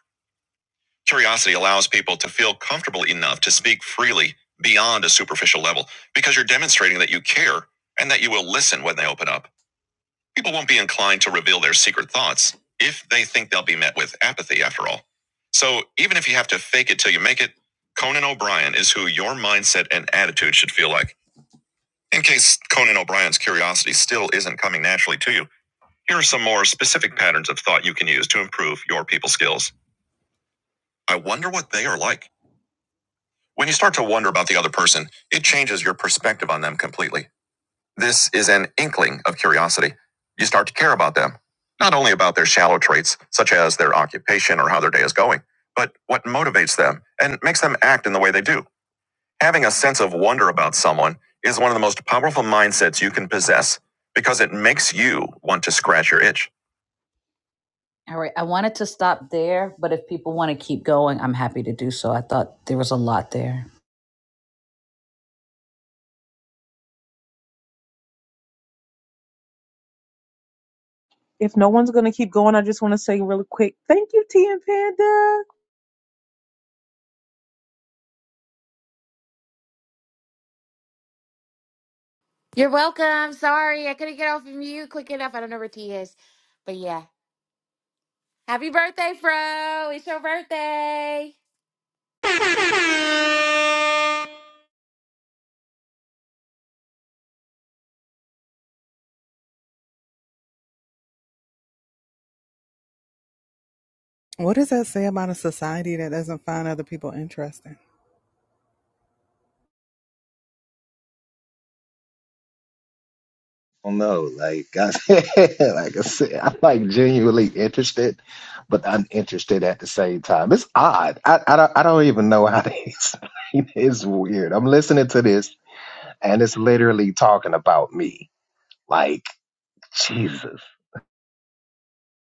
[SPEAKER 1] Curiosity allows people to feel comfortable enough to speak freely beyond a superficial level because you're demonstrating that you care and that you will listen when they open up. People won't be inclined to reveal their secret thoughts if they think they'll be met with apathy after all. So even if you have to fake it till you make it, Conan O'Brien is who your mindset and attitude should feel like. In case Conan O'Brien's curiosity still isn't coming naturally to you, here are some more specific patterns of thought you can use to improve your people skills. I wonder what they are like. When you start to wonder about the other person, it changes your perspective on them completely. This is an inkling of curiosity. You start to care about them, not only about their shallow traits, such as their occupation or how their day is going, but what motivates them and makes them act in the way they do. Having a sense of wonder about someone is one of the most powerful mindsets you can possess because it makes you want to scratch your itch. All right, I wanted to stop there, but if people want to keep going, I'm happy to do so. I thought there was a lot there.
[SPEAKER 11] If no one's going to keep going, I just want to say really quick, thank you, TM Panda.
[SPEAKER 9] You're welcome. Sorry, I couldn't get off of you quick enough. I don't know where T is, but yeah. Happy birthday, Fro! It's your birthday.
[SPEAKER 7] What does that say about a society that doesn't find other people interesting?
[SPEAKER 5] don't know. Like I, said, like I said, I'm like genuinely interested, but uninterested at the same time. It's odd. I, I don't I don't even know how to explain. It. It's weird. I'm listening to this and it's literally talking about me. Like Jesus.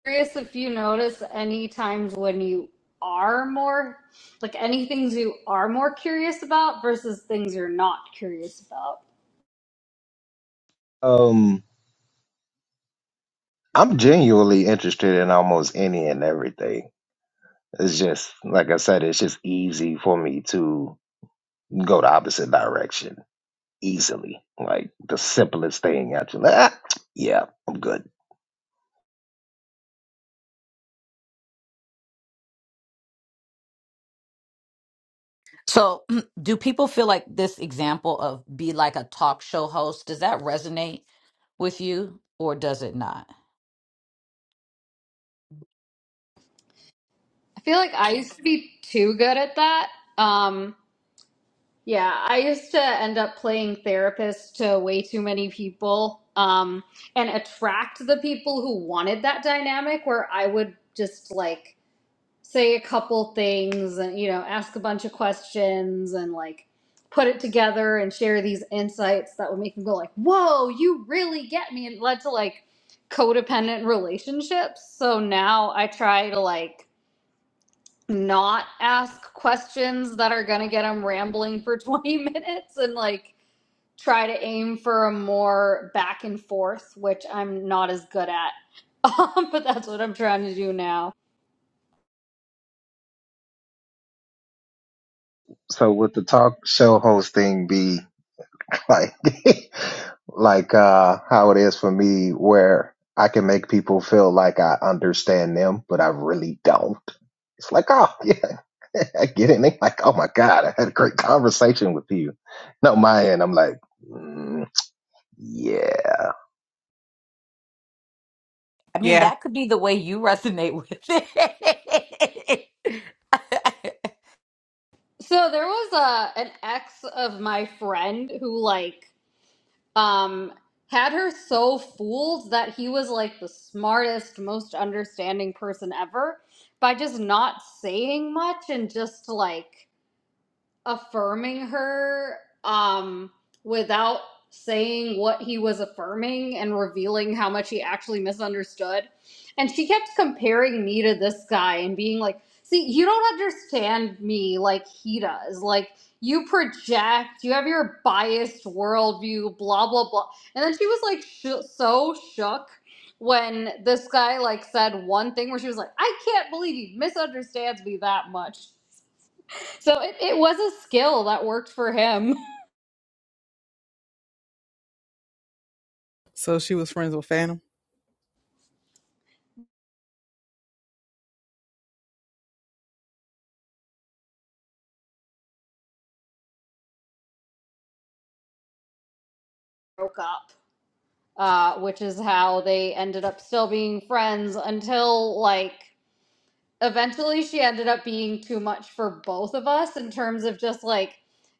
[SPEAKER 8] curious if you notice any times when you are more like any things you are more curious about versus things you're not curious about.
[SPEAKER 5] Um, I'm genuinely interested in almost any and everything. It's just like I said. It's just easy for me to go the opposite direction easily. Like the simplest thing. Actually, ah, yeah, I'm good.
[SPEAKER 1] So, do people feel like this example of be like a talk show host, does that resonate with you or does it not?
[SPEAKER 8] I feel like I used to be too good at that. Um yeah, I used to end up playing therapist to way too many people um and attract the people who wanted that dynamic where I would just like say a couple things and you know ask a bunch of questions and like put it together and share these insights that would make them go like whoa you really get me and it led to like codependent relationships so now i try to like not ask questions that are going to get them rambling for 20 minutes and like try to aim for a more back and forth which i'm not as good at um, but that's what i'm trying to do now
[SPEAKER 5] So would the talk show hosting be like like uh how it is for me where I can make people feel like I understand them, but I really don't. It's like, oh yeah, I get it. And they like, oh my God, I had a great conversation with you. No, my end, I'm like, mm, yeah.
[SPEAKER 1] I mean,
[SPEAKER 2] Yeah.
[SPEAKER 1] that could be the way you resonate with it.
[SPEAKER 8] So there was a an ex of my friend who like um had her so fooled that he was like the smartest, most understanding person ever by just not saying much and just like affirming her um without saying what he was affirming and revealing how much he actually misunderstood and she kept comparing me to this guy and being like see you don't understand me like he does like you project you have your biased worldview blah blah blah and then she was like sh- so shook when this guy like said one thing where she was like i can't believe he misunderstands me that much so it, it was a skill that worked for him.
[SPEAKER 7] So she was friends with Phantom.
[SPEAKER 8] Broke up. Uh, which is how they ended up still being friends until, like, eventually she ended up being too much for both of us in terms of just, like,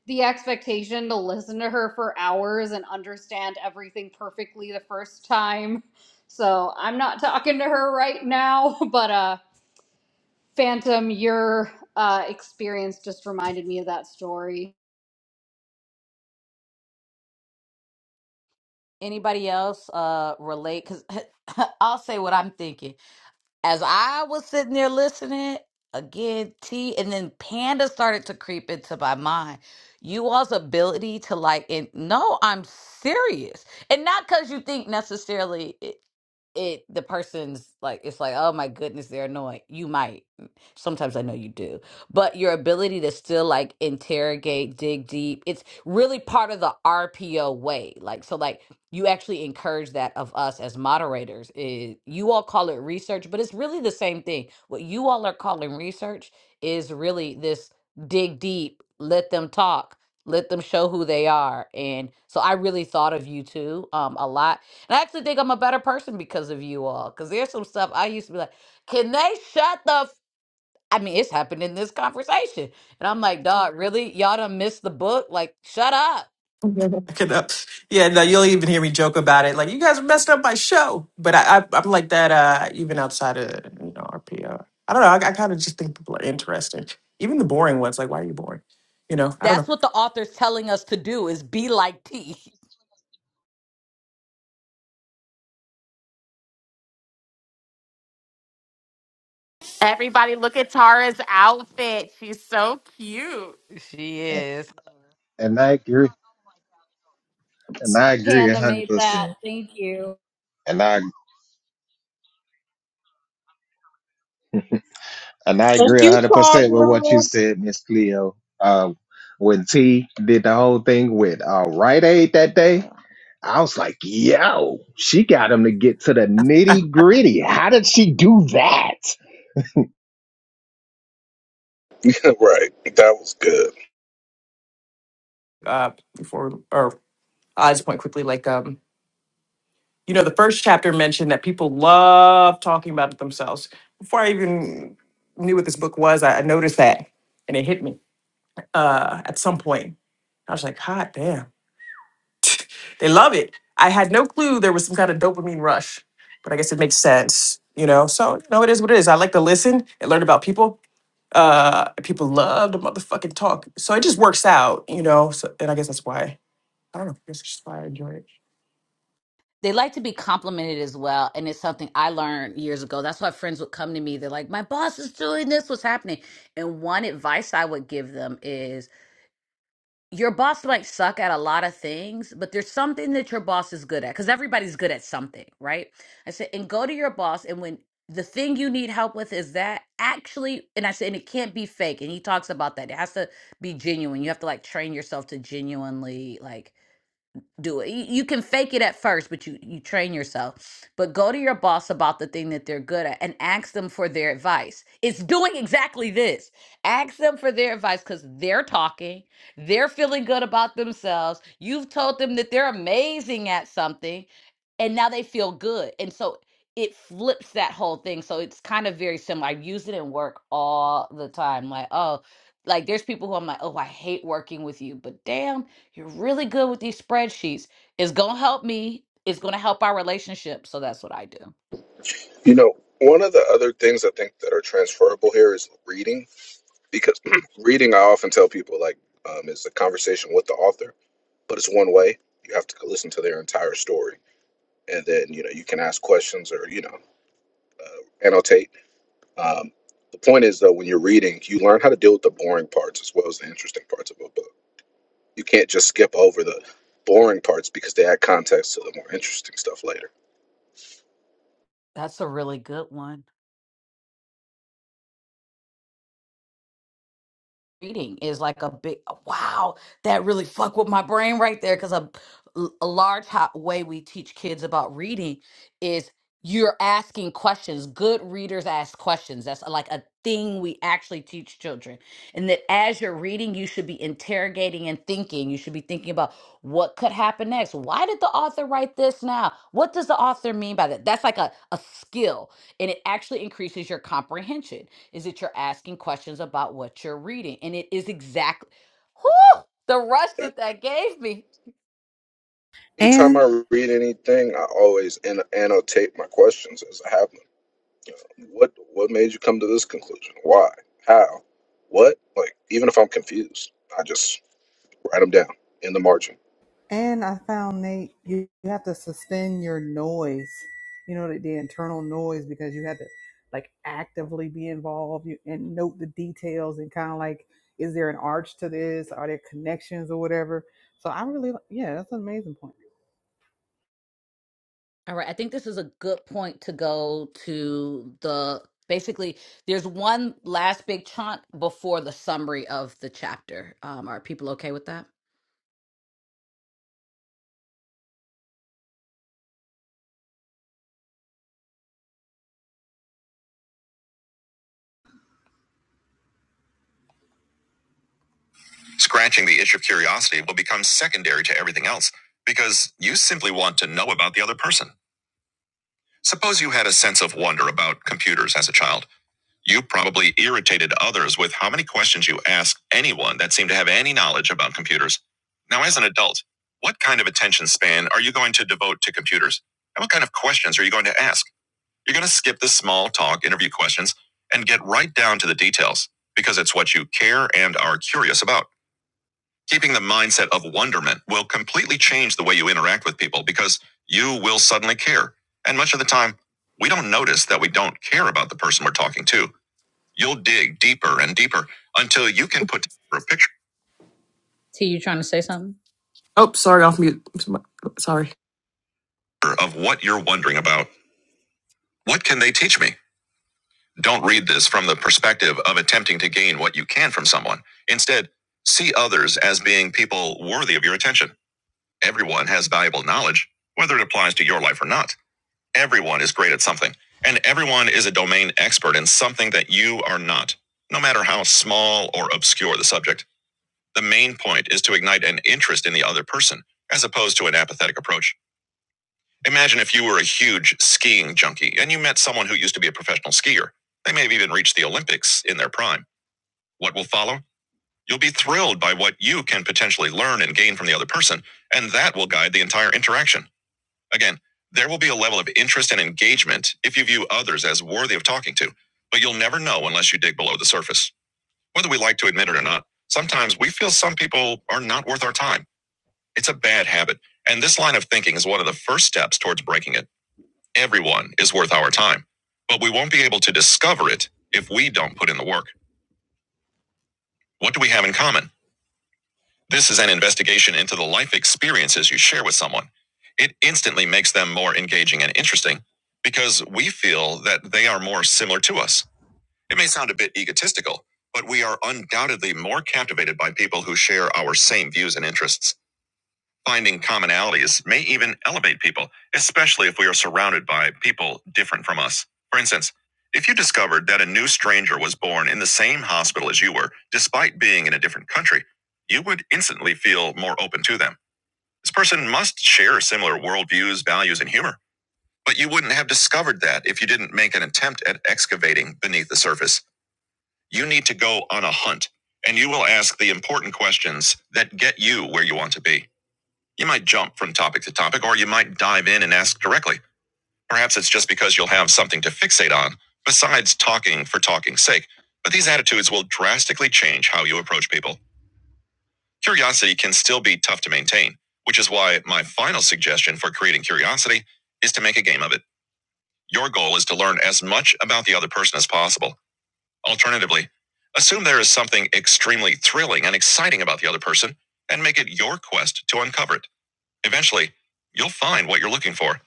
[SPEAKER 8] the expectation to listen to her for hours and understand everything perfectly the first time. So I'm not talking to her right now, but, uh, Phantom, your uh, experience just reminded me of that story.
[SPEAKER 1] anybody else uh relate because i'll say what i'm thinking as i was sitting there listening again t and then panda started to creep into my mind you all's ability to like and no i'm serious and not because you think necessarily it the person's like it's like oh my goodness they're annoying you might mm, sometimes i know you do but your ability to still like interrogate dig deep it's really part of the rpo way like so like you actually encourage that of us as moderators is you all call it research but it's really the same thing what you all are calling research is really this dig deep let them talk let them show who they are and so i really thought of you too um a lot and I actually think I'm a better person because of you all. Because there's some stuff I used to be like, can they shut the? F-? I mean, it's happened in this conversation, and I'm like, dog, really? Y'all done missed the book. Like, shut up.
[SPEAKER 2] Back it up. Yeah, no, you'll even hear me joke about it. Like you guys messed up my show, but I, I I'm like that. Uh, even outside of you know our PR, I don't know. I, I kind of just think people are interesting, even the boring ones. Like, why are you boring? You know, I don't
[SPEAKER 1] That's what the author's telling us to do: is be like T.
[SPEAKER 9] Everybody look at Tara's outfit. She's so cute.
[SPEAKER 1] She
[SPEAKER 5] And,
[SPEAKER 1] is.
[SPEAKER 5] and I agree. And I
[SPEAKER 2] know.
[SPEAKER 5] agree a
[SPEAKER 8] Panda
[SPEAKER 5] hundred
[SPEAKER 8] made that.
[SPEAKER 5] percent.
[SPEAKER 8] Thank you.
[SPEAKER 5] and I. And I agree
[SPEAKER 12] Thank you,
[SPEAKER 5] 100% with what
[SPEAKER 12] Tara.
[SPEAKER 5] you said, Miss Cleo. Uh, when T did the whole thing with uh, Rite Aid that day, I was like, yo, she got him to get to the nitty gritty. How did she do that?
[SPEAKER 10] right. That was good.
[SPEAKER 2] uh, before or I just point quickly, like um, you know, the first chapter mentioned that people love talking about it themselves. Before I even knew what this book was, I, I noticed that, and it hit me uh, at some point. I was like, "Hot damn, they love it!" I had no clue there was some kind of dopamine rush, but I guess it makes sense, you know. So you know, it is what it is. I like to listen and learn about people. Uh, people love to motherfucking talk, so it just works out, you know. So, and I guess that's why I don't know. I guess that's just why I enjoy it.
[SPEAKER 1] They like to be complimented as well, and it's something I learned years ago. That's why friends would come to me. They're like, "My boss is doing this. What's happening?" And one advice I would give them is. your boss might suck at a lot of things, but there's something that your boss is good at because everybody's good at something, right? I said, and go to your boss, and when the thing you need help with is that actually, and I said, and it can't be fake. And he talks about that. It has to be genuine. You have to like train yourself to genuinely like do it. You, you can fake it at first, but you you train yourself. But go to your boss about the thing that they're good at and ask them for their advice. It's doing exactly this. Ask them for their advice cuz they're talking, they're feeling good about themselves. You've told them that they're amazing at something and now they feel good. And so it flips that whole thing. So it's kind of very similar. I use it in work all the time. Like, oh, like there's people who I'm like, oh, I hate working with you, but damn you're really good with these spreadsheets. It's going to help me. It's going to help our relationship. So that's what I do.
[SPEAKER 10] You know, one of the other things I think that are transferable here is reading. because reading i often tell people like um, it's a conversation with the author but it's one way you have to listen to their entire story and then you know you can ask questions or you know uh, annotate um, the point is though when you're reading you learn how to deal with the boring parts as well as the interesting parts of a book you can't just skip over the boring parts because they add context to the more interesting stuff later
[SPEAKER 1] That's a really good one. reading is like a big wow that really fuck with my brain right there because a, a large ho- way we teach kids about reading is you're asking questions good readers ask questions that's like a thing we actually teach children and that as you're reading you should be interrogating and thinking you should be thinking about what could happen next why did the author write this now what does the author mean by that that's like a, a skill and it actually increases your comprehension is that you're asking questions about what you're reading. And it is exactly whew, the rush that that gave me.
[SPEAKER 7] And
[SPEAKER 10] anytime i read anything i always an- annotate my questions as i have them What what made you come to this conclusion? Why? How? What? Like, even if I'm confused, I just write them down in the margin.
[SPEAKER 7] And I found Nate, you, you have to suspend your noise, you know, the, the internal noise because you have to like actively be involved you, and note the details and kind of like, is there an arch to this? Are there connections or whatever? So I really, li- yeah, that's an amazing point.
[SPEAKER 1] All right. I think this is a good point to go to the basically, there's one last big chunk before the summary of the chapter. Um, are people okay with that? Scratching the itch of curiosity will become secondary to everything else because you simply want to know about the other person. Suppose you had a sense of wonder about computers as a child. You probably irritated others with how many questions you asked anyone that seemed to have any knowledge about computers. Now, as an adult, what kind of attention span are you going to devote to computers? And what kind of questions are you going to ask? You're going to skip the small talk interview questions and get right down to the details because it's what you care and are curious about. Keeping the mindset of wonderment will completely change the way you interact with people because you will suddenly care. And much of the time, we don't notice that we don't care about the person we're talking to You'll dig deeper and deeper until you can put a picture. T, you trying to say something?
[SPEAKER 2] Oh, sorry, off mute. Sorry.
[SPEAKER 1] Of what you're wondering about. What can they teach me? Don't read this from the perspective of attempting to gain what you can from someone. Instead, see others as being people worthy of your attention. Everyone has valuable knowledge, whether it applies to your life or not. Everyone is great at something, and everyone is a domain expert in something that you are not, no matter how small or obscure the subject. The main point is to ignite an interest in the other person, as opposed to an apathetic approach. Imagine if you were a huge skiing junkie and you met someone who used to be a professional skier. They may have even reached the Olympics in their prime. What will follow? You'll be thrilled by what you can potentially learn and gain from the other person, and that will guide the entire interaction. Again, there will be a level of interest and engagement if you view others as worthy of talking to, but you'll never know unless you dig below the surface. Whether we like to admit it or not, sometimes we feel some people are not worth our time. It's a bad habit, and this line of thinking is one of the first steps towards breaking it. Everyone is worth our time, but we won't be able to discover it if we don't put in the work. What do we have in common? This is an investigation into the life experiences you share with someone. It instantly makes them more engaging and interesting because we feel that they are more similar to us. It may sound a bit egotistical, but we are undoubtedly more captivated by people who share our same views and interests. Finding commonalities may even elevate people, especially if we are surrounded by people different from us. For instance, if you discovered that a new stranger was born in the same hospital as you were, despite being in a different country, you would instantly feel more open to them. This person must share similar worldviews, values, and humor. But you wouldn't have discovered that if you didn't make an attempt at excavating beneath the surface. You need to go on a hunt, and you will ask the important questions that get you where you want to be. You might jump from topic to topic, or you might dive in and ask directly. Perhaps it's just because you'll have something to fixate on, besides talking for talking's sake. But these attitudes will drastically change how you approach people. Curiosity can still be tough to maintain, which is why my final suggestion for creating curiosity is to make a game of it. Your goal is to learn as much about the other person as possible. Alternatively, assume there is something extremely thrilling and exciting about the other person and make it your quest to uncover it. Eventually, you'll find what you're looking for.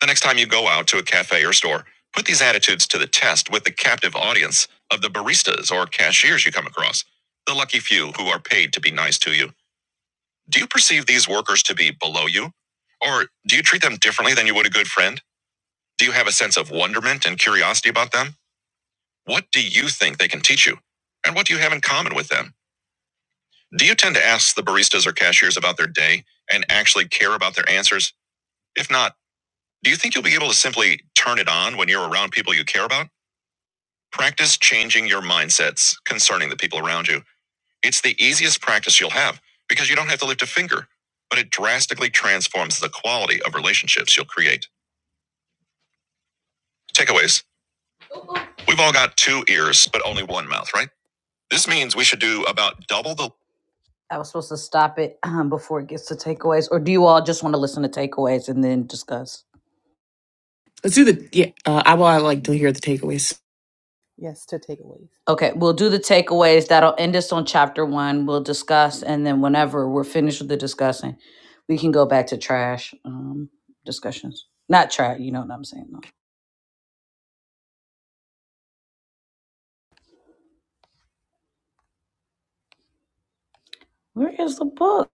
[SPEAKER 1] The next time you go out to a cafe or store, put these attitudes to the test with the captive audience of the baristas or cashiers you come across, the lucky few who are paid to be nice to you. Do you perceive these workers to be below you? Or do you treat them differently than you would a good friend? Do you have a sense of wonderment and curiosity about them? What do you think they can teach you? And what do you have in common with them? Do you tend to ask the baristas or cashiers about their day and actually care about their answers? If not, Do you think you'll be able to simply turn it on when you're around people you care about? Practice changing your mindsets concerning the people around you. It's the easiest practice you'll have because you don't have to lift a finger, but it drastically transforms the quality of relationships you'll create. Takeaways We've all got two ears, but only one mouth, right? This means we should do about double the. I was supposed to stop it um, before it gets to takeaways, or do you all just want to listen to takeaways and then discuss?
[SPEAKER 2] Let's do the yeah. Uh, I will. I like to hear the takeaways.
[SPEAKER 7] Yes, to takeaways.
[SPEAKER 1] Okay, we'll do the takeaways. That'll end us on chapter one. We'll discuss, and then whenever we're finished with the discussing, we can go back to trash um, discussions. Not trash, you know what I'm saying? though. Where is the book?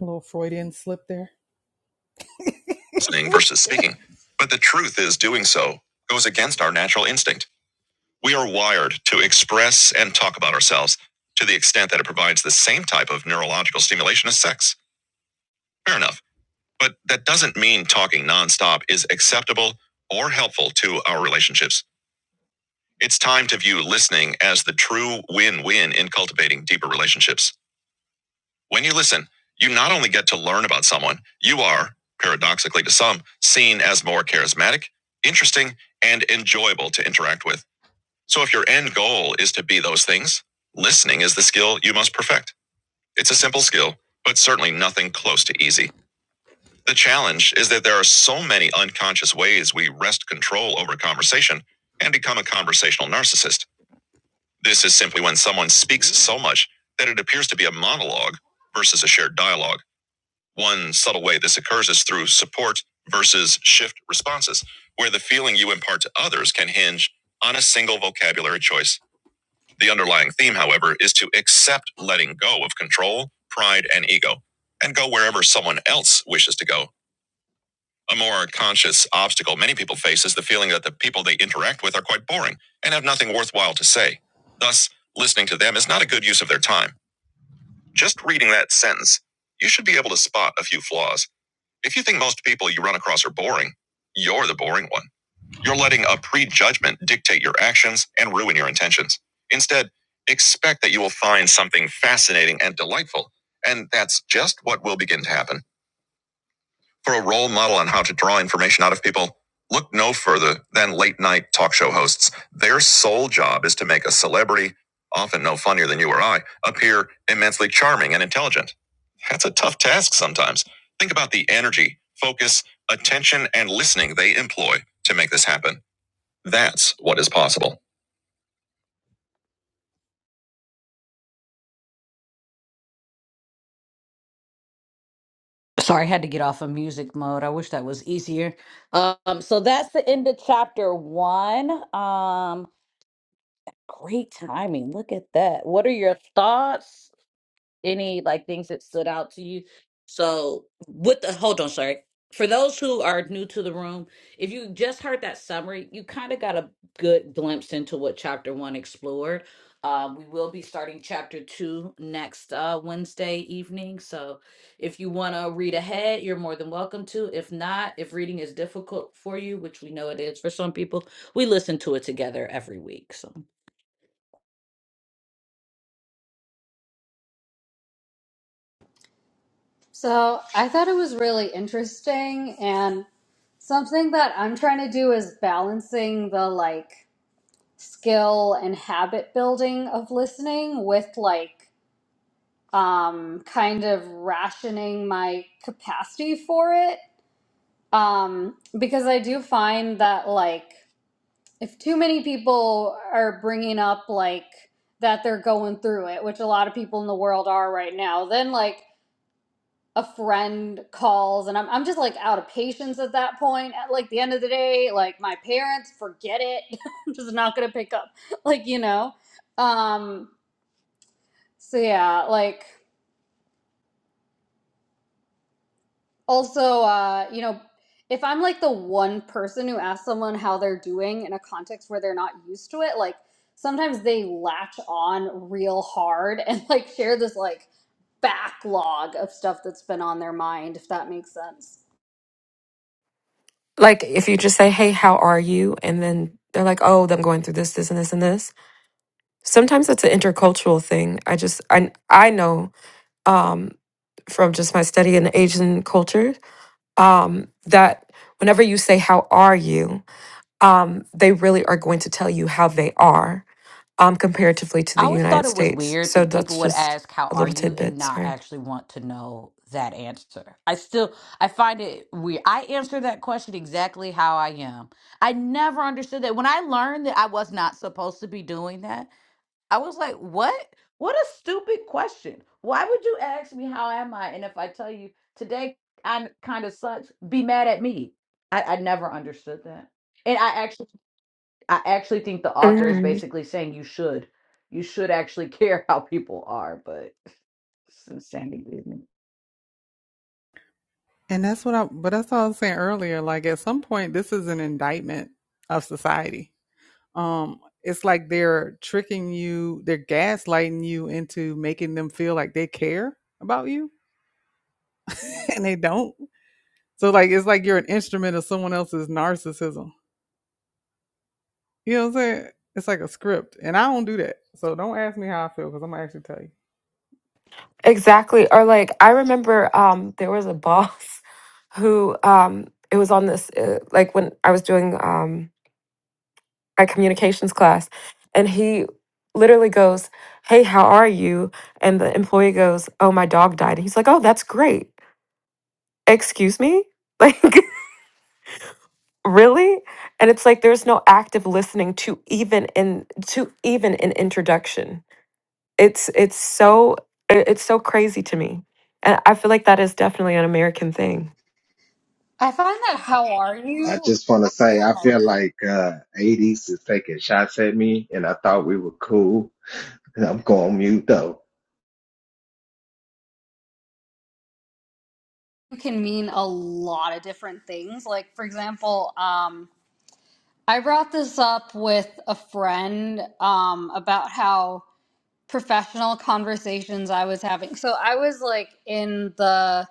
[SPEAKER 7] A little Freudian slip there.
[SPEAKER 1] Listening versus speaking. But the truth is, doing so goes against our natural instinct. We are wired to express and talk about ourselves to the extent that it provides the same type of neurological stimulation as sex. Fair enough. But that doesn't mean talking nonstop is acceptable or helpful to our relationships. It's time to view listening as the true win win in cultivating deeper relationships. When you listen, you not only get to learn about someone, you are, paradoxically to some, seen as more charismatic, interesting, and enjoyable to interact with. So if your end goal is to be those things, listening is the skill you must perfect. It's a simple skill, but certainly nothing close to easy. The challenge is that there are so many unconscious ways we wrest control over conversation and become a conversational narcissist. This is simply when someone speaks so much that it appears to be a monologue versus a shared dialogue. One subtle way this occurs is through support versus shift responses, where the feeling you impart to others can hinge on a single vocabulary choice. The underlying theme, however, is to accept letting go of control, pride, and ego, and go wherever someone else wishes to go. A more conscious obstacle many people face is the feeling that the people they interact with are quite boring and have nothing worthwhile to say. Thus, listening to them is not a good use of their time. Just reading that sentence, you should be able to spot a few flaws. If you think most people you run across are boring, you're the boring one. You're letting a prejudgment dictate your actions and ruin your intentions. Instead, expect that you will find something fascinating and delightful, and that's just what will begin to happen. For a role model on how to draw information out of people, look no further than late night talk show hosts. Their sole job is to make a celebrity, often no funnier than you or I, appear immensely charming and intelligent. That's a tough task sometimes. Think about the energy, focus, attention, and listening they employ to make this happen. That's what is possible. Sorry, I had to get off of music mode. I wish that was easier. Um, so that's the end of chapter one. Um, Great timing. Look at that. What are your thoughts? Any like things that stood out to you? So, with the hold on, sorry. For those who are new to the room, if you just heard that summary, you kind of got a good glimpse into what chapter one explored. Um, we will be starting chapter two next uh, Wednesday evening. So, if you want to read ahead, you're more than welcome to. If not, if reading is difficult for you, which we know it is for some people, we listen to it together every week. So.
[SPEAKER 8] So I thought it was really interesting and something that I'm trying to do is balancing the like skill and habit building of listening with like um kind of rationing my capacity for it um because I do find that like if too many people are bringing up like that they're going through it, which a lot of people in the world are right now, then like a friend calls and I'm, I'm just like out of patience at that point at like the end of the day like my parents forget it i'm just not gonna pick up like you know um so yeah like also uh you know if i'm like the one person who asks someone how they're doing in a context where they're not used to it like sometimes they latch on real hard and like share this like backlog of stuff that's been on their mind if that makes sense
[SPEAKER 3] Like if you just say, "Hey, how are you?" and then they're like, "Oh, I'm going through this, this and this and this." Sometimes it's an intercultural thing. I just I I know um from just my study in Asian culture. um, that whenever you say, How are you? um, they really are going to tell you how they are um, comparatively to
[SPEAKER 1] I
[SPEAKER 3] the
[SPEAKER 1] always thought
[SPEAKER 3] United
[SPEAKER 1] it was
[SPEAKER 3] States.
[SPEAKER 1] weird
[SPEAKER 3] So
[SPEAKER 1] that people
[SPEAKER 3] that's
[SPEAKER 1] would
[SPEAKER 3] just
[SPEAKER 1] ask, How
[SPEAKER 3] a
[SPEAKER 1] are
[SPEAKER 3] little
[SPEAKER 1] you? and
[SPEAKER 3] tidbit.
[SPEAKER 1] not
[SPEAKER 3] Sorry.
[SPEAKER 1] actually want to know that answer. I still, I find it weird. I answer that question exactly how I am. I never understood that. When I learned that I was not supposed to be doing that, I was like, what? What a stupid question. Why would you ask me how am I? And if I tell you today I kind of sucks, be mad at me. I, I never understood that. And I actually I actually think the author is
[SPEAKER 3] Mhm.
[SPEAKER 1] basically saying you should. You should actually care how people are, but it's insanity. isn't
[SPEAKER 7] And that's what I, but that's what I was saying earlier. Like at some point, this is an indictment of society. Um, it's like they're tricking you, they're gaslighting you into making them feel like they care about you, and they don't. So like it's like you're an instrument of someone else's narcissism. You know what I'm saying? It's like a script, and I don't do that. So don't ask me how I feel because I'm gonna actually tell you.
[SPEAKER 3] Exactly. Or like, I remember um, there was a boss who um, it was on this, uh, like when I was doing um, my communications class, and he literally goes, Hey, how are you? And the employee goes, Oh, my dog died. And he's like, Oh, that's great. Excuse me? Like, really and it's like there's no active listening to even in to even an introduction it's it's so i- it's so crazy to me and i feel like that is definitely an american thing
[SPEAKER 8] I find that how are
[SPEAKER 5] I
[SPEAKER 8] you
[SPEAKER 5] just want to say, I feel like uh, 80s is taking shots at me, and I thought we were cool. And I'm going mute, though.
[SPEAKER 8] It can mean a lot of different things. Like, for example, um, I brought this up with a friend um, about how professional conversations I was having. So I was like in the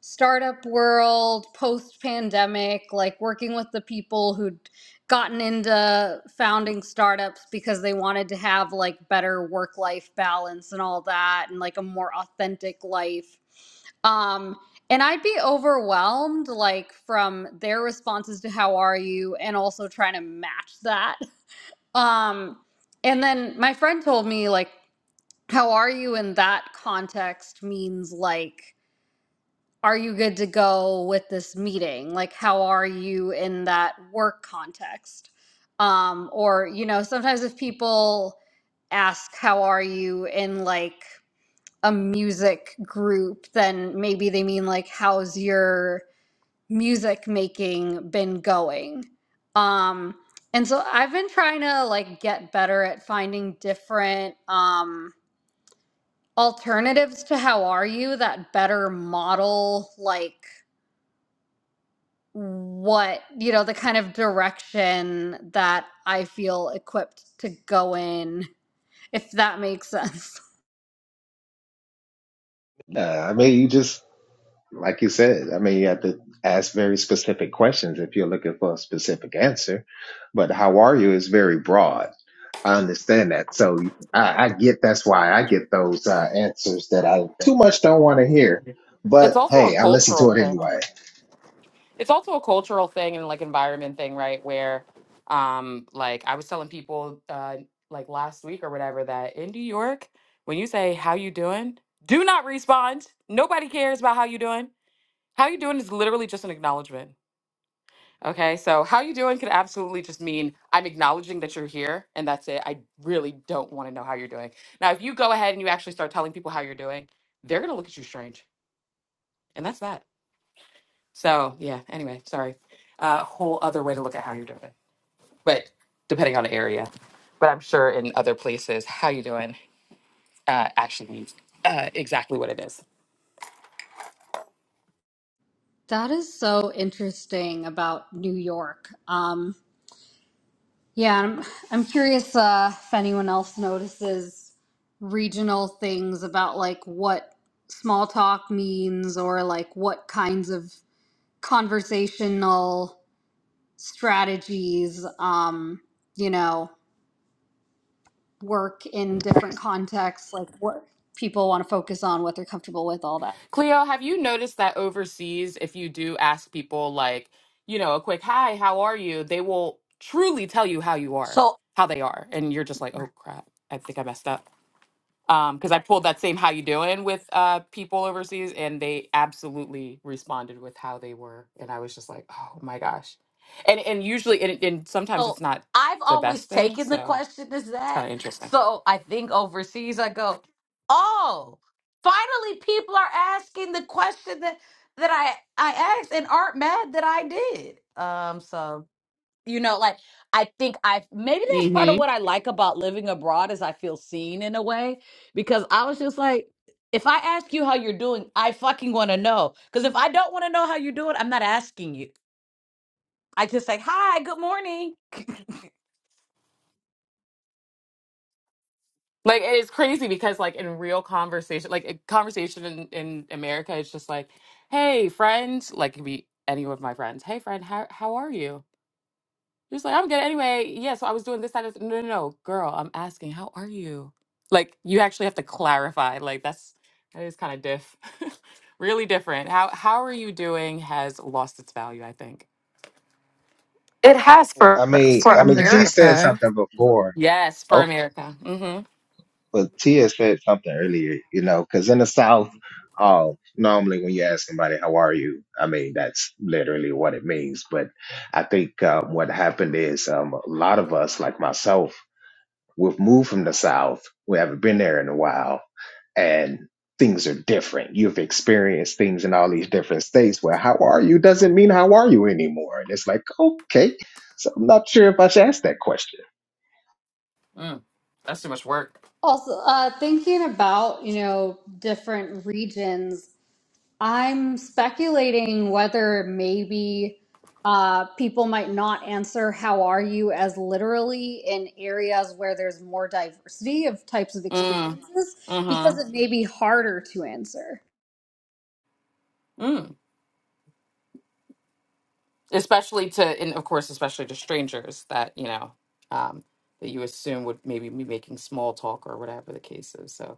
[SPEAKER 8] startup world post pandemic, like working with the people who'd gotten into founding startups because they wanted to have like better work life balance and all that and like a more authentic life. Um and I'd be overwhelmed like from their responses to how are you and also trying to match that. Um and then my friend told me like how are you in that context means like are you good to go with this meeting like how are you in that work context um or you know sometimes if people ask how are you in like a music group then maybe they mean like how's your music making been going um and so i've been trying to like get better at finding different um, alternatives to how are you that better model like what you know the kind of direction that i feel equipped to go in if that makes sense
[SPEAKER 5] Uh, I mean, you just Like you said, I mean, you have to ask very specific questions if you're looking for a specific answer. But how are you is very broad. I understand that. So I, I get that's why I get those uh, answers that I too much don't want to hear. But
[SPEAKER 9] It's also a
[SPEAKER 5] hey, I listen
[SPEAKER 9] cultural
[SPEAKER 5] to it
[SPEAKER 9] thing.
[SPEAKER 5] anyway.
[SPEAKER 9] It's also a cultural thing and like environment thing, right? Where, um, like I was telling people, uh, like last week or whatever, that in New York, when you say "How you doing," do not respond. Nobody cares about how you doing. How you doing is literally just an acknowledgement. Okay, so how you doing could absolutely just mean I'm acknowledging that you're here and that's it. I really don't want to know how you're doing. Now, if you go ahead and you actually start telling people how you're doing, they're going to look at you strange. And that's that. So, yeah, anyway, sorry. A uh, whole other way to look at how you're doing. But depending on the area. But I'm sure in other places, how you doing uh, actually means uh, exactly what it is.
[SPEAKER 8] that is so interesting about new york um yeah i'm, I'm curious uh if anyone else notices regional things about like what small talk means or like what kinds of conversational strategies um you know work in different contexts like what people want to focus on what they're comfortable with all that
[SPEAKER 9] Cleo, have you noticed that overseas, if you do ask people, like, you know, a quick hi, how are you? They will truly tell you how you
[SPEAKER 1] it?
[SPEAKER 9] are, how they are. And you're just like, oh crap, I think I messed up. Um, Because I pulled that same how you doing with uh, people overseas, and they absolutely responded with how they were. And I was just like, oh my gosh. And and usually, and, and sometimes
[SPEAKER 1] So
[SPEAKER 9] it's not
[SPEAKER 1] I've
[SPEAKER 9] the
[SPEAKER 1] always
[SPEAKER 9] best thing.
[SPEAKER 1] taken the
[SPEAKER 9] So
[SPEAKER 1] question as
[SPEAKER 9] it's kind
[SPEAKER 1] that.
[SPEAKER 9] of interesting.
[SPEAKER 1] So I think overseas I go, oh, finally people are asking the question that that I I asked and aren't mad that I did. Um, so you know, like I think I maybe that's part of what I like about living abroad is I feel seen in a way because I was just like. If I ask you how you're doing, I fucking want to know. Because if I don't want to know how you're doing, I'm not asking you. I just say, hi, good morning.
[SPEAKER 9] Like it's crazy because like in real conversation, like a conversation in, in America, it's just like, "Hey, friend," like it could be any of my friends. "Hey, friend, how how are you?" Just like I'm good anyway. Yeah, so I was doing this. That, this. No, no, no, girl, I'm asking, how are you? Like you actually have to clarify. Like that's that is kind of diff, really different. How how are you doing has lost its value, I think.
[SPEAKER 3] it has for
[SPEAKER 5] I mean,
[SPEAKER 3] for
[SPEAKER 5] I mean, T said
[SPEAKER 3] america
[SPEAKER 5] something before.
[SPEAKER 9] Yes,
[SPEAKER 5] Oh.
[SPEAKER 9] for America. Mm-hmm.
[SPEAKER 5] But Tia said something earlier, you know, because in the South, uh, normally when you ask somebody, how are you? I mean, that's literally what it means. But I think um, what happened is um, a lot of us, like myself, we've moved from the South. We haven't been there in a while. And things are different. You've experienced things in all these different states where how are you doesn't mean how are you anymore. And it's like, okay. So I'm not sure if I should ask that question.
[SPEAKER 9] Mm. That's too much work.
[SPEAKER 8] also uh thinking about you know different regions i'm speculating whether maybe uh people might not answer how are you as literally in areas where there's more diversity of types of
[SPEAKER 9] Mm.
[SPEAKER 8] experiences because
[SPEAKER 9] Mm-hmm.
[SPEAKER 8] it may be harder to answer
[SPEAKER 9] especially to and of course especially to strangers that you know um that you assume would maybe be making small talk or whatever the case is so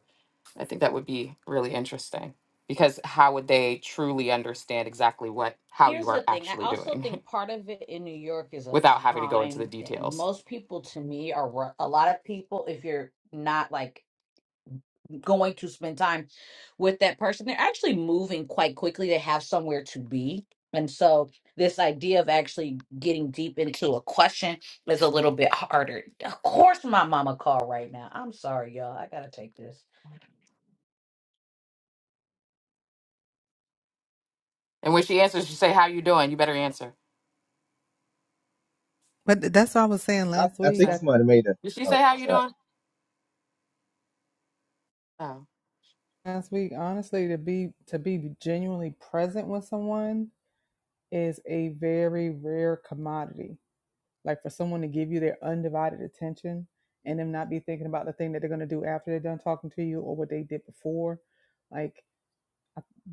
[SPEAKER 9] i think that would be really interesting because how would they truly understand exactly what how you
[SPEAKER 1] Here's the
[SPEAKER 9] are
[SPEAKER 1] thing. I
[SPEAKER 9] actually
[SPEAKER 1] also
[SPEAKER 9] doing
[SPEAKER 1] think part of it in New York is a
[SPEAKER 9] without having to go into the
[SPEAKER 1] time thing.
[SPEAKER 9] details
[SPEAKER 1] Most people, to me, are ru- a lot of people, if you're not like going to spend time with that person, they're actually moving quite quickly. They have somewhere to be. And so, this idea of actually getting deep into a question is a little bit harder. Of course, my mama called right now. I'm sorry, y'all. I gotta take this.
[SPEAKER 9] and when she answers she say how you doing you better answer
[SPEAKER 7] But that's what I was saying
[SPEAKER 5] I,
[SPEAKER 7] last
[SPEAKER 5] I
[SPEAKER 9] you
[SPEAKER 7] week.
[SPEAKER 5] think
[SPEAKER 9] say
[SPEAKER 7] I,
[SPEAKER 5] somebody made a.
[SPEAKER 9] did she say
[SPEAKER 5] Oh,
[SPEAKER 9] how you
[SPEAKER 5] sorry.
[SPEAKER 9] doing oh
[SPEAKER 7] last week, honestly, to be to be genuinely present with someone is a very rare commodity. Like for someone to give you their undivided attention and them not be thinking about the thing that they're gonna do after they're done talking to you or what they did before. Like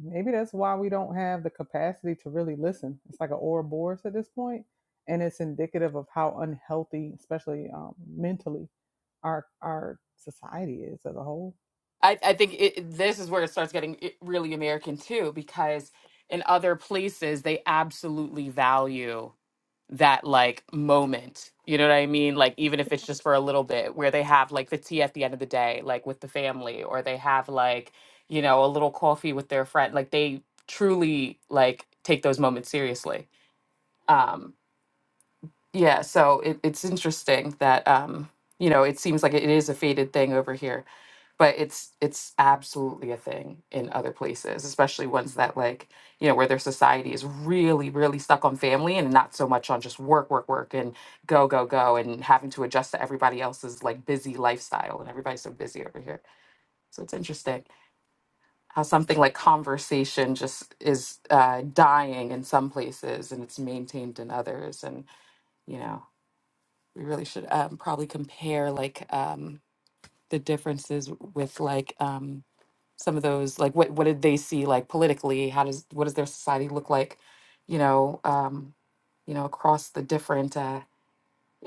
[SPEAKER 7] Maybe that's why we don't have the capacity to really listen. It's like an Ouroboros at this point, and it's indicative of how unhealthy, especially um, mentally, our our society is as a whole.
[SPEAKER 9] i, I think it, it- this is where it starts getting i- really american too because in other places they absolutely value that like moment. You know what I mean? Like even if it's just for a little bit where they have like the tea at the end of the day like with the family or they have like you know a little coffee with their friend like they truly like take those moments seriously. Um yeah, so it, it's interesting that um you know it seems like it is a faded thing over here but it's it's absolutely a thing in other places especially ones that like you know where their society is really really stuck on family and not so much on just work work work and go go go and having to adjust to everybody else's like busy lifestyle and everybody's so busy over here so it's interesting how something like conversation just is uh, dying in some places and it's maintained in others and you know we really should um, probably compare like um, the differences with like um, some of those like what what did they see like politically how does what does their society look like you know um you know across the different uh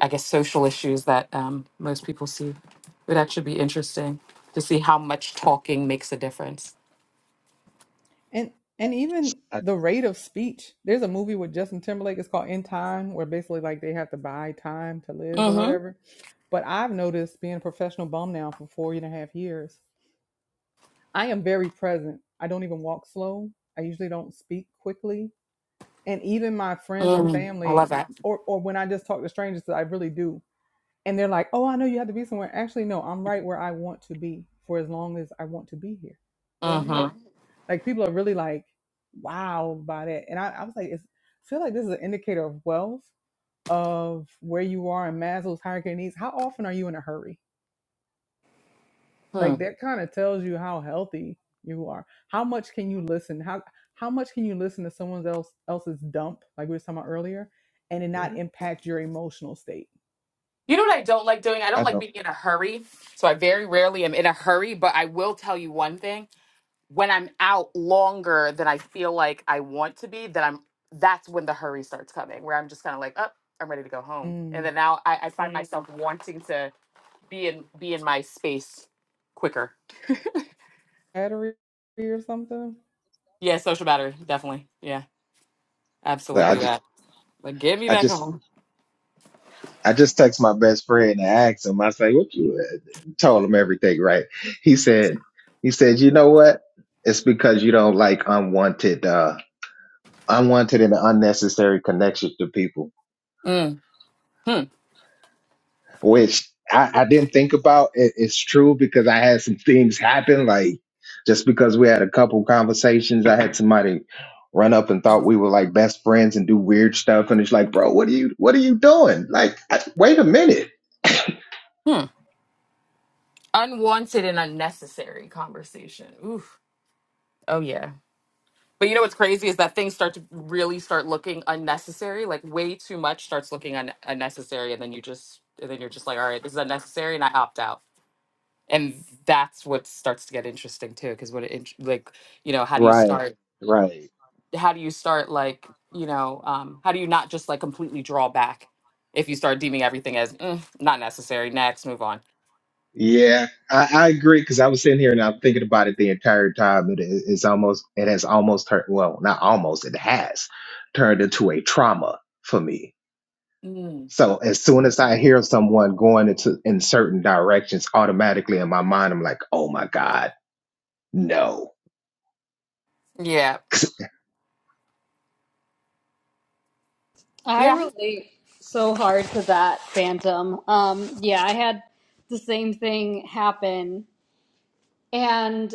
[SPEAKER 9] i guess social issues that um most people see it would actually be interesting to see how much talking makes a difference
[SPEAKER 7] And and even
[SPEAKER 5] I
[SPEAKER 7] the rate of speech. There's a movie with Justin Timberlake. It's called In Time, where basically like they have to buy time to live or
[SPEAKER 9] mm-hmm,
[SPEAKER 7] whatever. But I've noticed being a professional bum now for four and a half years, I am very present. I don't even walk slow. I usually don't speak quickly and even my friends or
[SPEAKER 9] hmm i
[SPEAKER 7] family
[SPEAKER 9] love that
[SPEAKER 7] or or when I just talk to strangers I really do and they're like oh I know you have to be somewhere actually no I'm right where I want to be for as long as I want to be here go ahead
[SPEAKER 9] mm-hmm.
[SPEAKER 7] like people are really like wow by that and I, I was like it's, I feel like this is an indicator of wealth of where you are in Maslow's hierarchy of needs how often are you in a hurry like
[SPEAKER 9] hmm.
[SPEAKER 7] that kind of tells you how healthy you are how much can you listen how how much can you listen to someone else else's dump like we were talking about earlier and it
[SPEAKER 5] hmm,
[SPEAKER 7] not impact your emotional state
[SPEAKER 9] you know what i don't like doing i don't
[SPEAKER 5] I
[SPEAKER 9] like
[SPEAKER 5] don't.
[SPEAKER 9] being in a hurry so i very rarely am in a hurry but i will tell you one thing when I'm out longer than I feel like I want to be, that I'm that's when the hurry starts coming, where I'm just kind of like, oh, I'm ready to go home. And
[SPEAKER 7] mm.
[SPEAKER 9] then now I, I find Mm. myself wanting to be in be in my space quicker.
[SPEAKER 7] battery or something
[SPEAKER 9] Yeah, social battery, definitely. Yeah,
[SPEAKER 5] like,
[SPEAKER 9] absolutely
[SPEAKER 5] I just
[SPEAKER 9] that. Like get me
[SPEAKER 5] I
[SPEAKER 9] back
[SPEAKER 5] just
[SPEAKER 9] home.
[SPEAKER 5] I just text my best friend and asked him. I say, "What you?" uh, Told him everything, right? He said, "He said, you know what? It's because you don't like unwanted, uh unwanted and unnecessary connections to people."
[SPEAKER 9] Mm, hmm,
[SPEAKER 5] which I, I didn't think about. It, it's true because I had some things happen. Like just because we had a couple conversations, I had somebody run up and thought we were like best friends and do weird stuff. And it's like, bro, what are you, what are you doing? Like, I, wait a minute.
[SPEAKER 9] hmm. Unwanted and unnecessary conversation. Oof. Oh yeah. But you know what's crazy is that things start to really start looking unnecessary. Like way too much starts looking un- unnecessary, and then you just and then you're just like, all right, this is unnecessary, and I opt out. And that's what starts to get interesting too, because what it int- like you know how do you
[SPEAKER 5] Right,
[SPEAKER 9] start
[SPEAKER 5] right.
[SPEAKER 9] how do you start like you know um, how do you not just like completely draw back if you start deeming everything as "Mm, not necessary next move on.
[SPEAKER 5] Yeah, I, I agree because I was sitting here and I'm thinking about it the entire time. It is it's almost it has almost turned well, not almost, it has turned into a trauma for me.
[SPEAKER 9] Mm.
[SPEAKER 5] So as soon as I hear someone going into in certain directions, automatically in my mind I'm like, oh my God, no.
[SPEAKER 9] Yeah,
[SPEAKER 8] I
[SPEAKER 9] yeah.
[SPEAKER 8] relate so hard to that phantom. Um, yeah, I had the same thing happen. And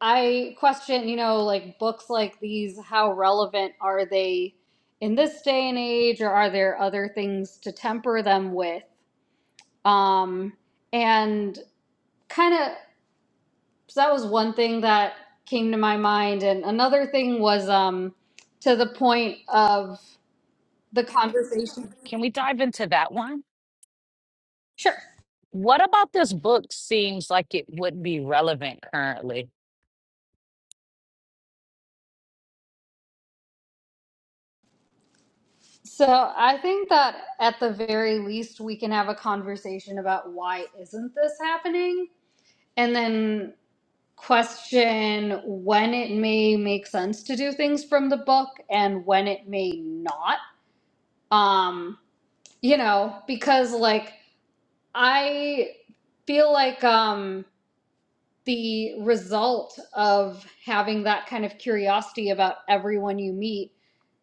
[SPEAKER 8] I question, you know, like books like these, how relevant are they in this day and age, or are there other things to temper them with? Um, and kind of, so that was one thing that came to my mind. And another thing was um, to the point of the conversation.
[SPEAKER 1] Can we dive into that one?
[SPEAKER 8] Sure.
[SPEAKER 1] What about this book seems like it would be relevant currently?
[SPEAKER 8] So I think that at the very least, we can have a conversation about why isn't this happening? And then question when it may make sense to do things from the book and when it may not. Um, you know, because like I feel like um the result of having that kind of curiosity about everyone you meet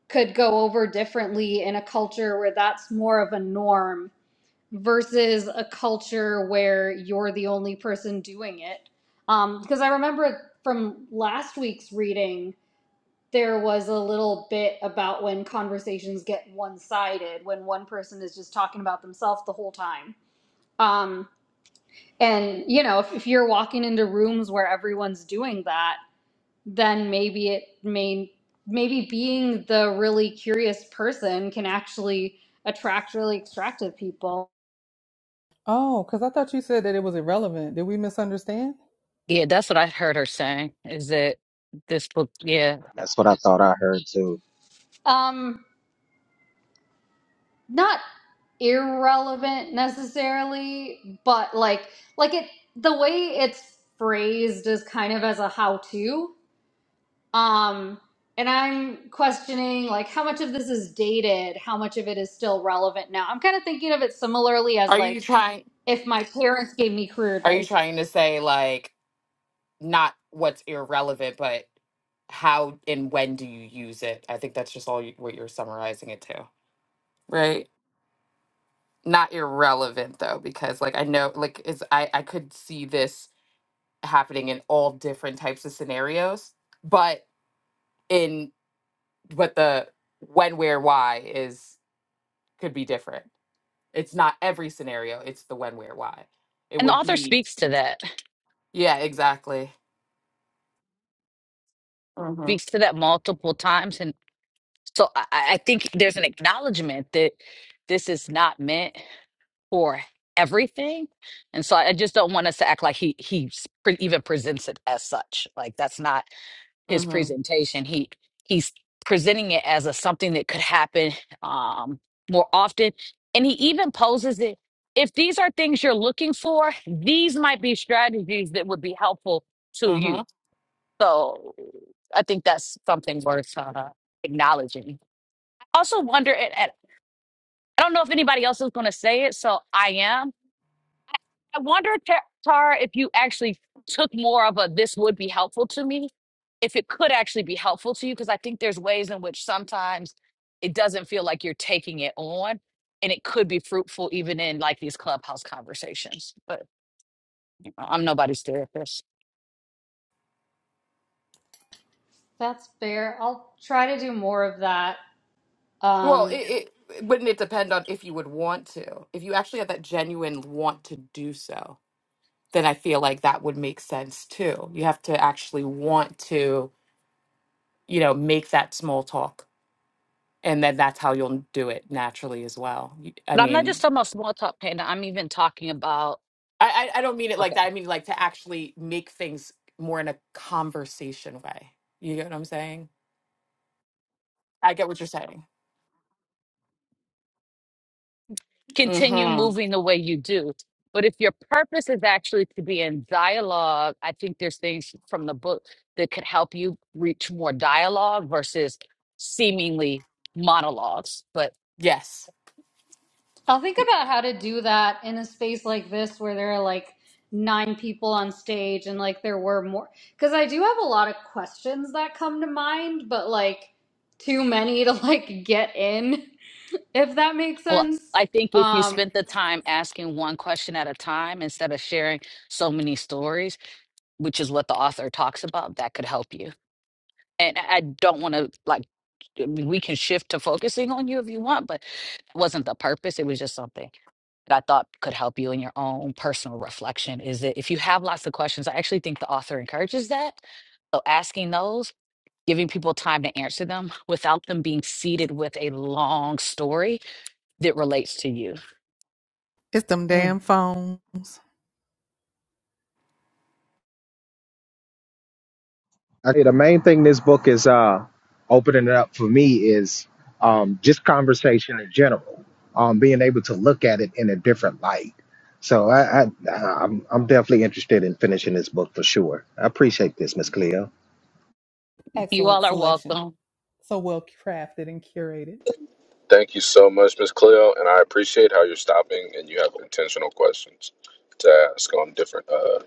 [SPEAKER 8] could go over differently in a culture where that's more of a norm versus a culture where you're the only person doing it. Um, because I remember from last week's reading, there was a little bit about when conversations get one sided, when one person is just talking about themselves the whole time. Um, and, you know, if, if you're walking into rooms where everyone's doing that, then maybe it may, maybe being the really curious person can actually attract really extractive people.
[SPEAKER 7] oh because i thought you said that it was irrelevant did we misunderstand
[SPEAKER 1] Yeah, that's what I heard her saying is that this book, yeah.
[SPEAKER 5] That's what I thought I heard too.
[SPEAKER 8] Um, not irrelevant necessarily, but like like it the way it's phrased is kind of as a how to. Um and I'm questioning like how much of this is dated, how much of it is still relevant now. I'm kind of thinking of it similarly as
[SPEAKER 9] Are you
[SPEAKER 8] like
[SPEAKER 9] trying?
[SPEAKER 8] if my parents gave me career
[SPEAKER 9] Are you
[SPEAKER 8] advice.
[SPEAKER 9] trying to say like? not what's irrelevant, but how and when do you use it? I think that's just all you, what you're summarizing it to, right? Not irrelevant though, because like I know, like is I I could see this happening in all different types of scenarios, but in but the when, where, why is could be different. It's not every scenario. It's the when, where, why. It
[SPEAKER 1] And the
[SPEAKER 9] would
[SPEAKER 1] author
[SPEAKER 9] be
[SPEAKER 1] speaks to that,
[SPEAKER 9] yeah, exactly. Mm-hmm.
[SPEAKER 1] speaks to that multiple times. And so I, I I think there's an acknowledgement that this is not meant for everything. And so I just don't want us to act like he he s- pre- even presents it as such. Like that's not his
[SPEAKER 9] Mm-hmm.
[SPEAKER 1] presentation he he's presenting it as a something that could happen um more often and he even poses it if these are things you're looking for these might be strategies that would be helpful to you so i think that's something worth uh, acknowledging i also wonder and, and i don't know if anybody else is going to say it so i am I wonder, Tara, if you actually took more of a this would be helpful to me, if it could actually be helpful to you, because I think there's ways in which sometimes it doesn't feel like you're taking it on and it could be fruitful even in like these clubhouse conversations. But you know, I'm nobody's therapist.
[SPEAKER 8] That's fair. I'll try to do more of that.
[SPEAKER 9] Well,
[SPEAKER 8] Um
[SPEAKER 9] it, it wouldn't it depend on if you would want to. If you actually have that genuine want to do so, then I feel like that would make sense too. You have to actually want to, you know, make that small talk, and then that's how you'll do it naturally as well. You- I
[SPEAKER 1] But I'm not just
[SPEAKER 9] mean,
[SPEAKER 1] talking about small talk, Panda. I'm even talking about,
[SPEAKER 9] I I I don't mean it like that. I mean like to actually make things more in a conversation way. You get what I'm saying? I get what you're saying.
[SPEAKER 1] continue
[SPEAKER 9] Mm-hmm.
[SPEAKER 1] moving the way you do. But if your purpose is actually to be in dialogue, I think there's things from the book that could help you reach more dialogue versus seemingly monologues. But
[SPEAKER 9] Yes.
[SPEAKER 8] I'll think about how to do that in a space like this where there are like nine people on stage and like there were more. Because I do have a lot of questions that come to mind, but like too many to like get in, if that makes
[SPEAKER 1] well,
[SPEAKER 8] sense.
[SPEAKER 1] I think if you
[SPEAKER 8] Um,
[SPEAKER 1] spent the time asking one question at a time instead of sharing so many stories. which is what the author talks about, that could help you. And I I don't want to like, I mean, we can shift to focusing on you if you want, but it wasn't the purpose. It was just something that I thought could help you in your own personal reflection. Is that if you have lots of questions, I actually think the author encourages that. So asking those, giving people time to answer them without them being seated with a long story that relates to you.
[SPEAKER 7] It's them
[SPEAKER 9] Mm.
[SPEAKER 7] damn phones.
[SPEAKER 5] Okay, the main thing this book is uh opening it up for me is um just conversation in general, um being able to look at it in a different light. So I, I I'm I'm definitely interested in finishing this book for sure. I appreciate this, Miss Cleo.
[SPEAKER 1] You
[SPEAKER 7] Excellent
[SPEAKER 1] all are
[SPEAKER 7] selection.
[SPEAKER 1] welcome.
[SPEAKER 7] So well crafted and curated.
[SPEAKER 10] Thank you so much, Miss Cleo, and I appreciate how you're stopping and you have intentional questions to ask on different uh,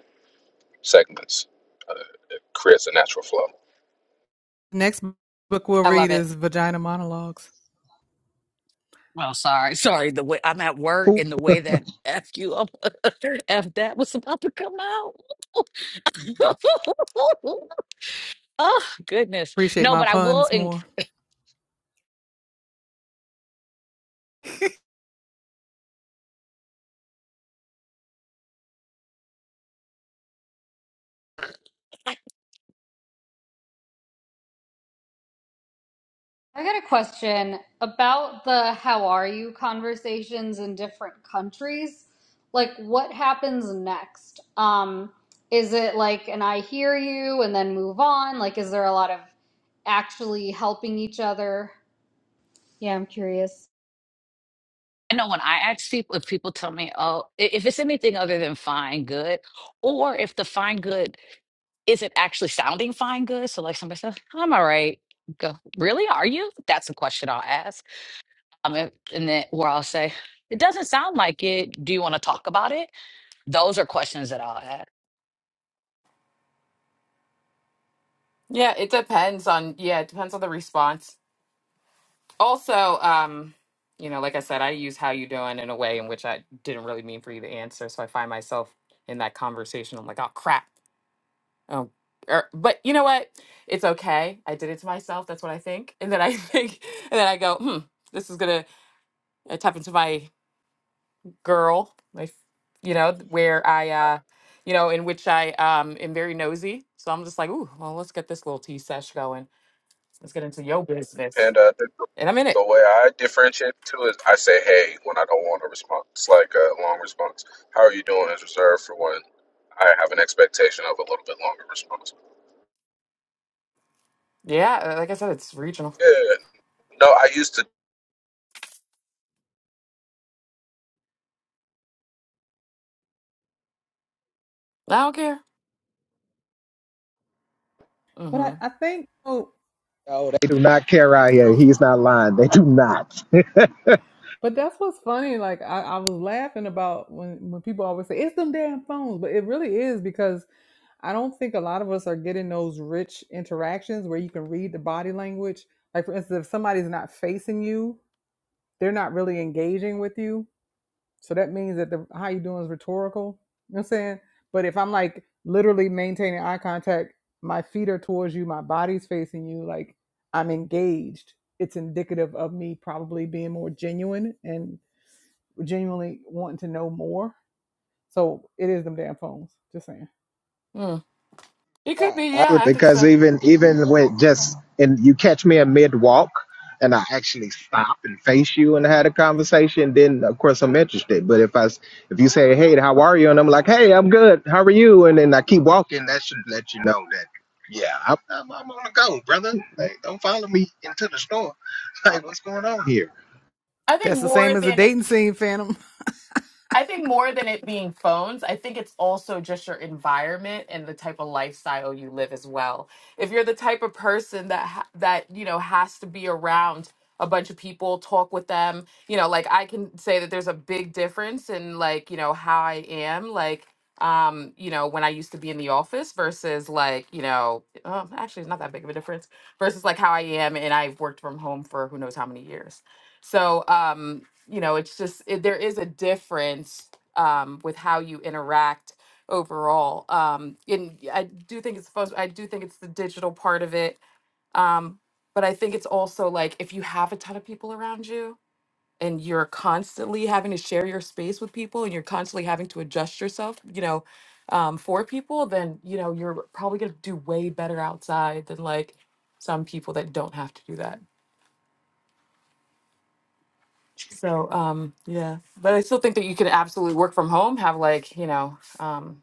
[SPEAKER 10] segments. Uh, it creates a natural flow.
[SPEAKER 7] Next book we'll
[SPEAKER 9] I
[SPEAKER 7] read
[SPEAKER 9] love it.
[SPEAKER 7] is Vagina Monologues.
[SPEAKER 1] Well, sorry, sorry. The way I'm at work
[SPEAKER 5] Who?
[SPEAKER 1] and the way that F you up, F that was about to come out. oh, goodness.
[SPEAKER 7] Appreciate
[SPEAKER 1] No,
[SPEAKER 7] my
[SPEAKER 1] but I will.
[SPEAKER 7] puns
[SPEAKER 1] And
[SPEAKER 7] more.
[SPEAKER 8] I got a question about the how are you conversations in different countries. Like, what happens next? Um, is it like an I hear you and then move on? Like, is there a lot of actually helping each other? Yeah, I'm curious.
[SPEAKER 1] I know when I ask people, if people tell me, oh, i- if it's anything other than fine, good, or if the fine, good isn't actually sounding fine, good. So, like somebody says, I'm all right. Go, really? Are you? That's a question I'll ask. Um, and and then where I'll say, it doesn't sound like it. Do you want to talk about it? Those are questions that I'll ask
[SPEAKER 9] Yeah, it depends on yeah, it depends on the response. also um you know like i said i use how you doing in a way in which i didn't really mean for you to answer so i find myself in that conversation i'm like oh crap oh er, but you know what it's okay i did it to myself that's what i think and then i think and then i go hmm this is gonna uh, tap into my girl my f- you know where i uh you know in which i um am very nosy so i'm just like ooh well let's get this little tea sesh going let's get into your business
[SPEAKER 10] And uh, the,
[SPEAKER 9] and i'm in it
[SPEAKER 10] the way I differentiate too is I say "Hey" when I don't want a response, like a long response. How are you doing? Is reserved for when I have an expectation of a little bit longer response.
[SPEAKER 9] yeah uh, like i said it's regional
[SPEAKER 10] Yeah, No, I used to
[SPEAKER 9] I don't care.
[SPEAKER 7] But I,
[SPEAKER 9] Mm-hmm.
[SPEAKER 7] I think, oh,
[SPEAKER 5] No, they do not care out here. He's not lying. They do not.
[SPEAKER 7] but that's what's funny. Like, I, I was laughing about when, when people always say, it's them damn phones. But it really is because I don't think a lot of us are getting those rich interactions where you can read the body language. Like, for instance, if somebody's not facing you, they're not really engaging with you So that means that the how you doing is rhetorical. You know what I'm saying? But if I'm like literally maintaining eye contact, my feet are towards you, my body's facing you, like I'm engaged. It's indicative of me probably being more genuine and genuinely wanting to know more. So it is them damn phones. Just saying.
[SPEAKER 9] Mm. It could
[SPEAKER 5] I
[SPEAKER 9] be,
[SPEAKER 5] I
[SPEAKER 9] yeah,
[SPEAKER 5] would
[SPEAKER 9] I think
[SPEAKER 5] because
[SPEAKER 9] so.
[SPEAKER 5] even even when just and you catch me in mid walk and I actually stop and face you and had a conversation, then of course I'm interested. But if I s- if you say, "Hey, how are you?" and I'm like, "Hey, I'm good. How are you?" and then I keep walking, that should let you know that yeah, I'm, I'm, I'm on the go, brother. Like, don't follow me into the store. Like, what's going on here?
[SPEAKER 9] I think
[SPEAKER 7] That's the
[SPEAKER 9] more
[SPEAKER 7] same as a
[SPEAKER 9] than
[SPEAKER 7] dating
[SPEAKER 9] it.
[SPEAKER 7] scene, Phantom.
[SPEAKER 9] I think more than it being phones, I think it's also just your environment and the type of lifestyle you live as well. If you're the type of person that ha- that you know has to be around a bunch of people, talk with them, you know, like I can say that there's a big difference in like you know how I am, like um you know when i used to be in the office versus like you know um, actually it's not that big of a difference versus like how i am and i've worked from home for who knows how many years so um you know it's just it, there is a difference um, with how you interact overall um, and i do think it's supposed i do think it's the digital part of it um, but i think it's also like if you have a ton of people around you and you're constantly having to share your space with people and you're constantly having to adjust yourself you know um, for people then you know you're probably going to do way better outside than like some people that don't have to do that So um yeah, but I still think that you could absolutely work from home, have like, you know, um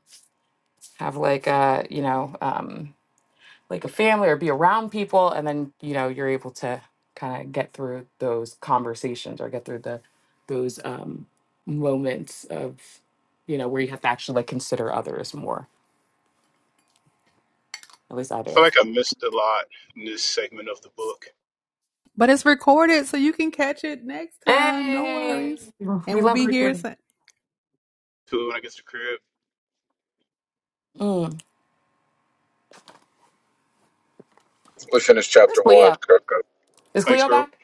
[SPEAKER 9] have like uh, you know, um like a family or be around people and then, you know, you're able to kind of get through those conversations or get through the those um moments of you know, where you have to actually like consider others more. At least I
[SPEAKER 13] I
[SPEAKER 9] do.
[SPEAKER 13] feel like I missed a lot in this segment of the book
[SPEAKER 7] But it's recorded, so you can catch it next time. No
[SPEAKER 9] Hey,
[SPEAKER 7] worries. And
[SPEAKER 9] we
[SPEAKER 7] we'll
[SPEAKER 9] love
[SPEAKER 7] be here.
[SPEAKER 9] recording.
[SPEAKER 7] sa-
[SPEAKER 13] too when I get to the crib.
[SPEAKER 9] Mm.
[SPEAKER 10] we finished
[SPEAKER 9] Is
[SPEAKER 10] chapter one,
[SPEAKER 9] Cleo?
[SPEAKER 10] Kirko.
[SPEAKER 9] Is
[SPEAKER 13] Thanks,
[SPEAKER 9] Cleo
[SPEAKER 13] bro.
[SPEAKER 9] back?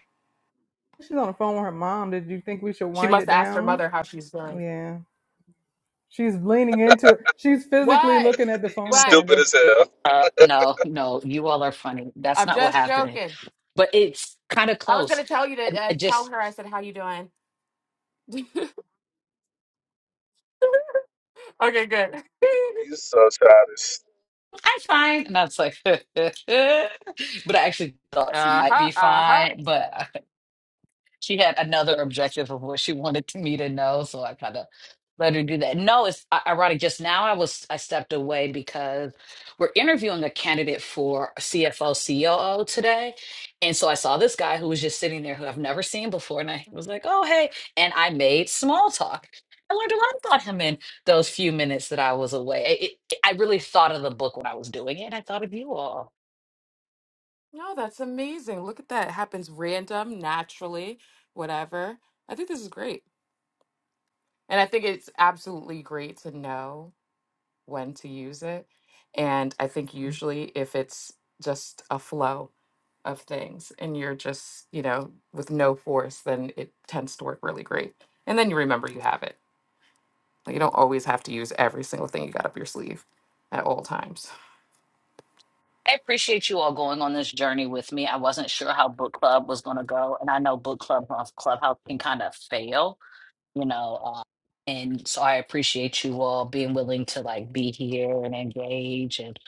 [SPEAKER 7] She's on the phone with her mom. Did you think we should
[SPEAKER 9] She
[SPEAKER 7] wind
[SPEAKER 9] must
[SPEAKER 7] it
[SPEAKER 9] have asked her
[SPEAKER 7] down?
[SPEAKER 9] mother how she's doing.
[SPEAKER 7] Yeah. She's leaning into it. She's physically
[SPEAKER 9] What?
[SPEAKER 7] looking at the
[SPEAKER 10] you
[SPEAKER 7] phone,
[SPEAKER 9] What?
[SPEAKER 10] stupid
[SPEAKER 7] Panda.
[SPEAKER 10] as hell.
[SPEAKER 1] Uh, no, no, you all are funny. That's
[SPEAKER 9] I'm
[SPEAKER 1] not what
[SPEAKER 9] just
[SPEAKER 1] happened,
[SPEAKER 9] joking.
[SPEAKER 1] but it's kind of
[SPEAKER 9] I was
[SPEAKER 1] close.
[SPEAKER 9] gonna tell you to
[SPEAKER 1] And I
[SPEAKER 9] uh, tell
[SPEAKER 1] just,
[SPEAKER 9] her. I said, "How you doing?" okay, good.
[SPEAKER 10] You so childish.
[SPEAKER 1] I'm fine. And I was like, but I actually thought she
[SPEAKER 9] uh
[SPEAKER 1] might
[SPEAKER 9] huh.
[SPEAKER 1] be
[SPEAKER 9] Uh huh.
[SPEAKER 1] fine. But she had another objective of what she wanted to me to know, so I kind of let her do that. No, it's i- ironic. Just now, I was I stepped away because we're interviewing a candidate for CFO COO today, and so I saw this guy who was just sitting there who I've never seen before, and I was like, "Oh, hey!" And I made small talk. I learned a lot about him in those few minutes that I was away. It, it, I really thought of the book when I was doing it. and I thought of you all.
[SPEAKER 9] No, that's amazing. Look at that. It happens random, naturally, whatever. I think this is great, and I think it's absolutely great to know when to use it. And I think usually, if it's just a flow of things, and you're just you know with no force, then it tends to work really great. And then you remember you have it. You don't always have to use every single thing you got up your sleeve at all times.
[SPEAKER 1] I appreciate you all going on this journey with me. I wasn't sure how book club was going to go, and I know book club on Clubhouse can kind of fail, you know. Uh, and so I appreciate you all being willing to like be here and engage and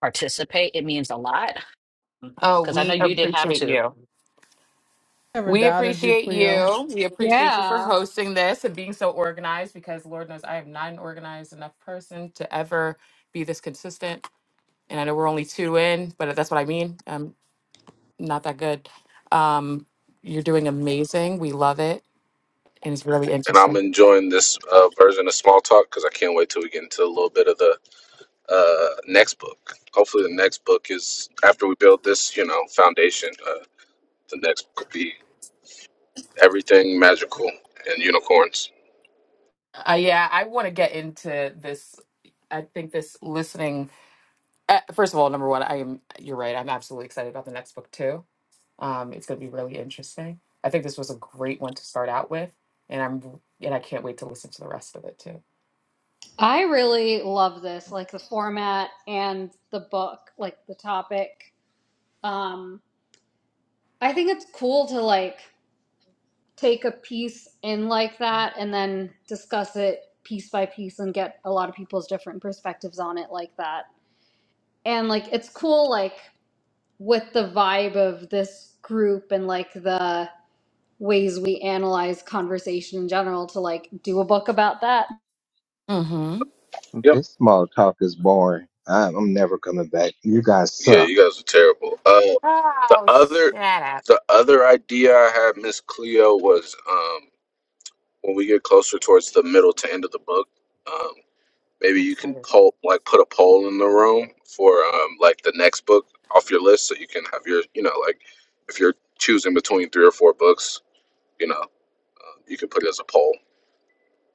[SPEAKER 1] participate. It means a lot
[SPEAKER 9] Oh,
[SPEAKER 1] because I know
[SPEAKER 9] we
[SPEAKER 1] you didn't have
[SPEAKER 9] appreciate
[SPEAKER 1] to.
[SPEAKER 9] you.
[SPEAKER 7] Never
[SPEAKER 9] We
[SPEAKER 7] doubted you,
[SPEAKER 9] appreciate
[SPEAKER 7] Cleo.
[SPEAKER 9] you. We appreciate you for
[SPEAKER 8] Yeah,
[SPEAKER 9] hosting this and being so organized because Lord knows I am not an organized enough person to ever be this consistent. And I know we're only two in, but that's what I mean. I'm not that good. Um, you're doing amazing. We love it. And it's really
[SPEAKER 10] And I'm
[SPEAKER 9] interesting.
[SPEAKER 10] enjoying this uh, version of Small Talk because I can't wait till we get into a little bit of the uh, next book. Hopefully, the next book is after we build this, you know, foundation. Uh, the next book will be everything magical and unicorns.
[SPEAKER 9] Uh, yeah, I want to get into this. I think this listening Uh, first of all, number one, I am. You're right. I'm absolutely excited about the next book too. Um, it's going to be really interesting. I think this was a great one to start out with, and I'm and I can't wait to listen to the rest of it too.
[SPEAKER 8] I really love this, like the format and the book, like the topic. Um, I think it's cool to like take a piece in like that and then discuss it piece by piece and get a lot of people's different perspectives on it like that. And like it's cool like with the vibe of this group and like the ways we analyze conversation in general to like do a book about that
[SPEAKER 9] Mm-hmm.
[SPEAKER 10] Yep.
[SPEAKER 5] This small talk is boring. I, I'm never coming back. You guys
[SPEAKER 10] Yeah,
[SPEAKER 5] suck.
[SPEAKER 10] you guys are terrible. Uh, the
[SPEAKER 9] Oh,
[SPEAKER 10] other,
[SPEAKER 9] shut up!
[SPEAKER 10] the other idea I had, Miss Cleo, was um, when we get closer towards the middle to end of the book. um, Maybe
[SPEAKER 9] I'm
[SPEAKER 10] you can
[SPEAKER 9] excited.
[SPEAKER 10] poll, like put a poll in the room for um, like the next book off your list, so you can have your, you know, like if you're choosing between three or four books, you know, uh, you can put it as a poll.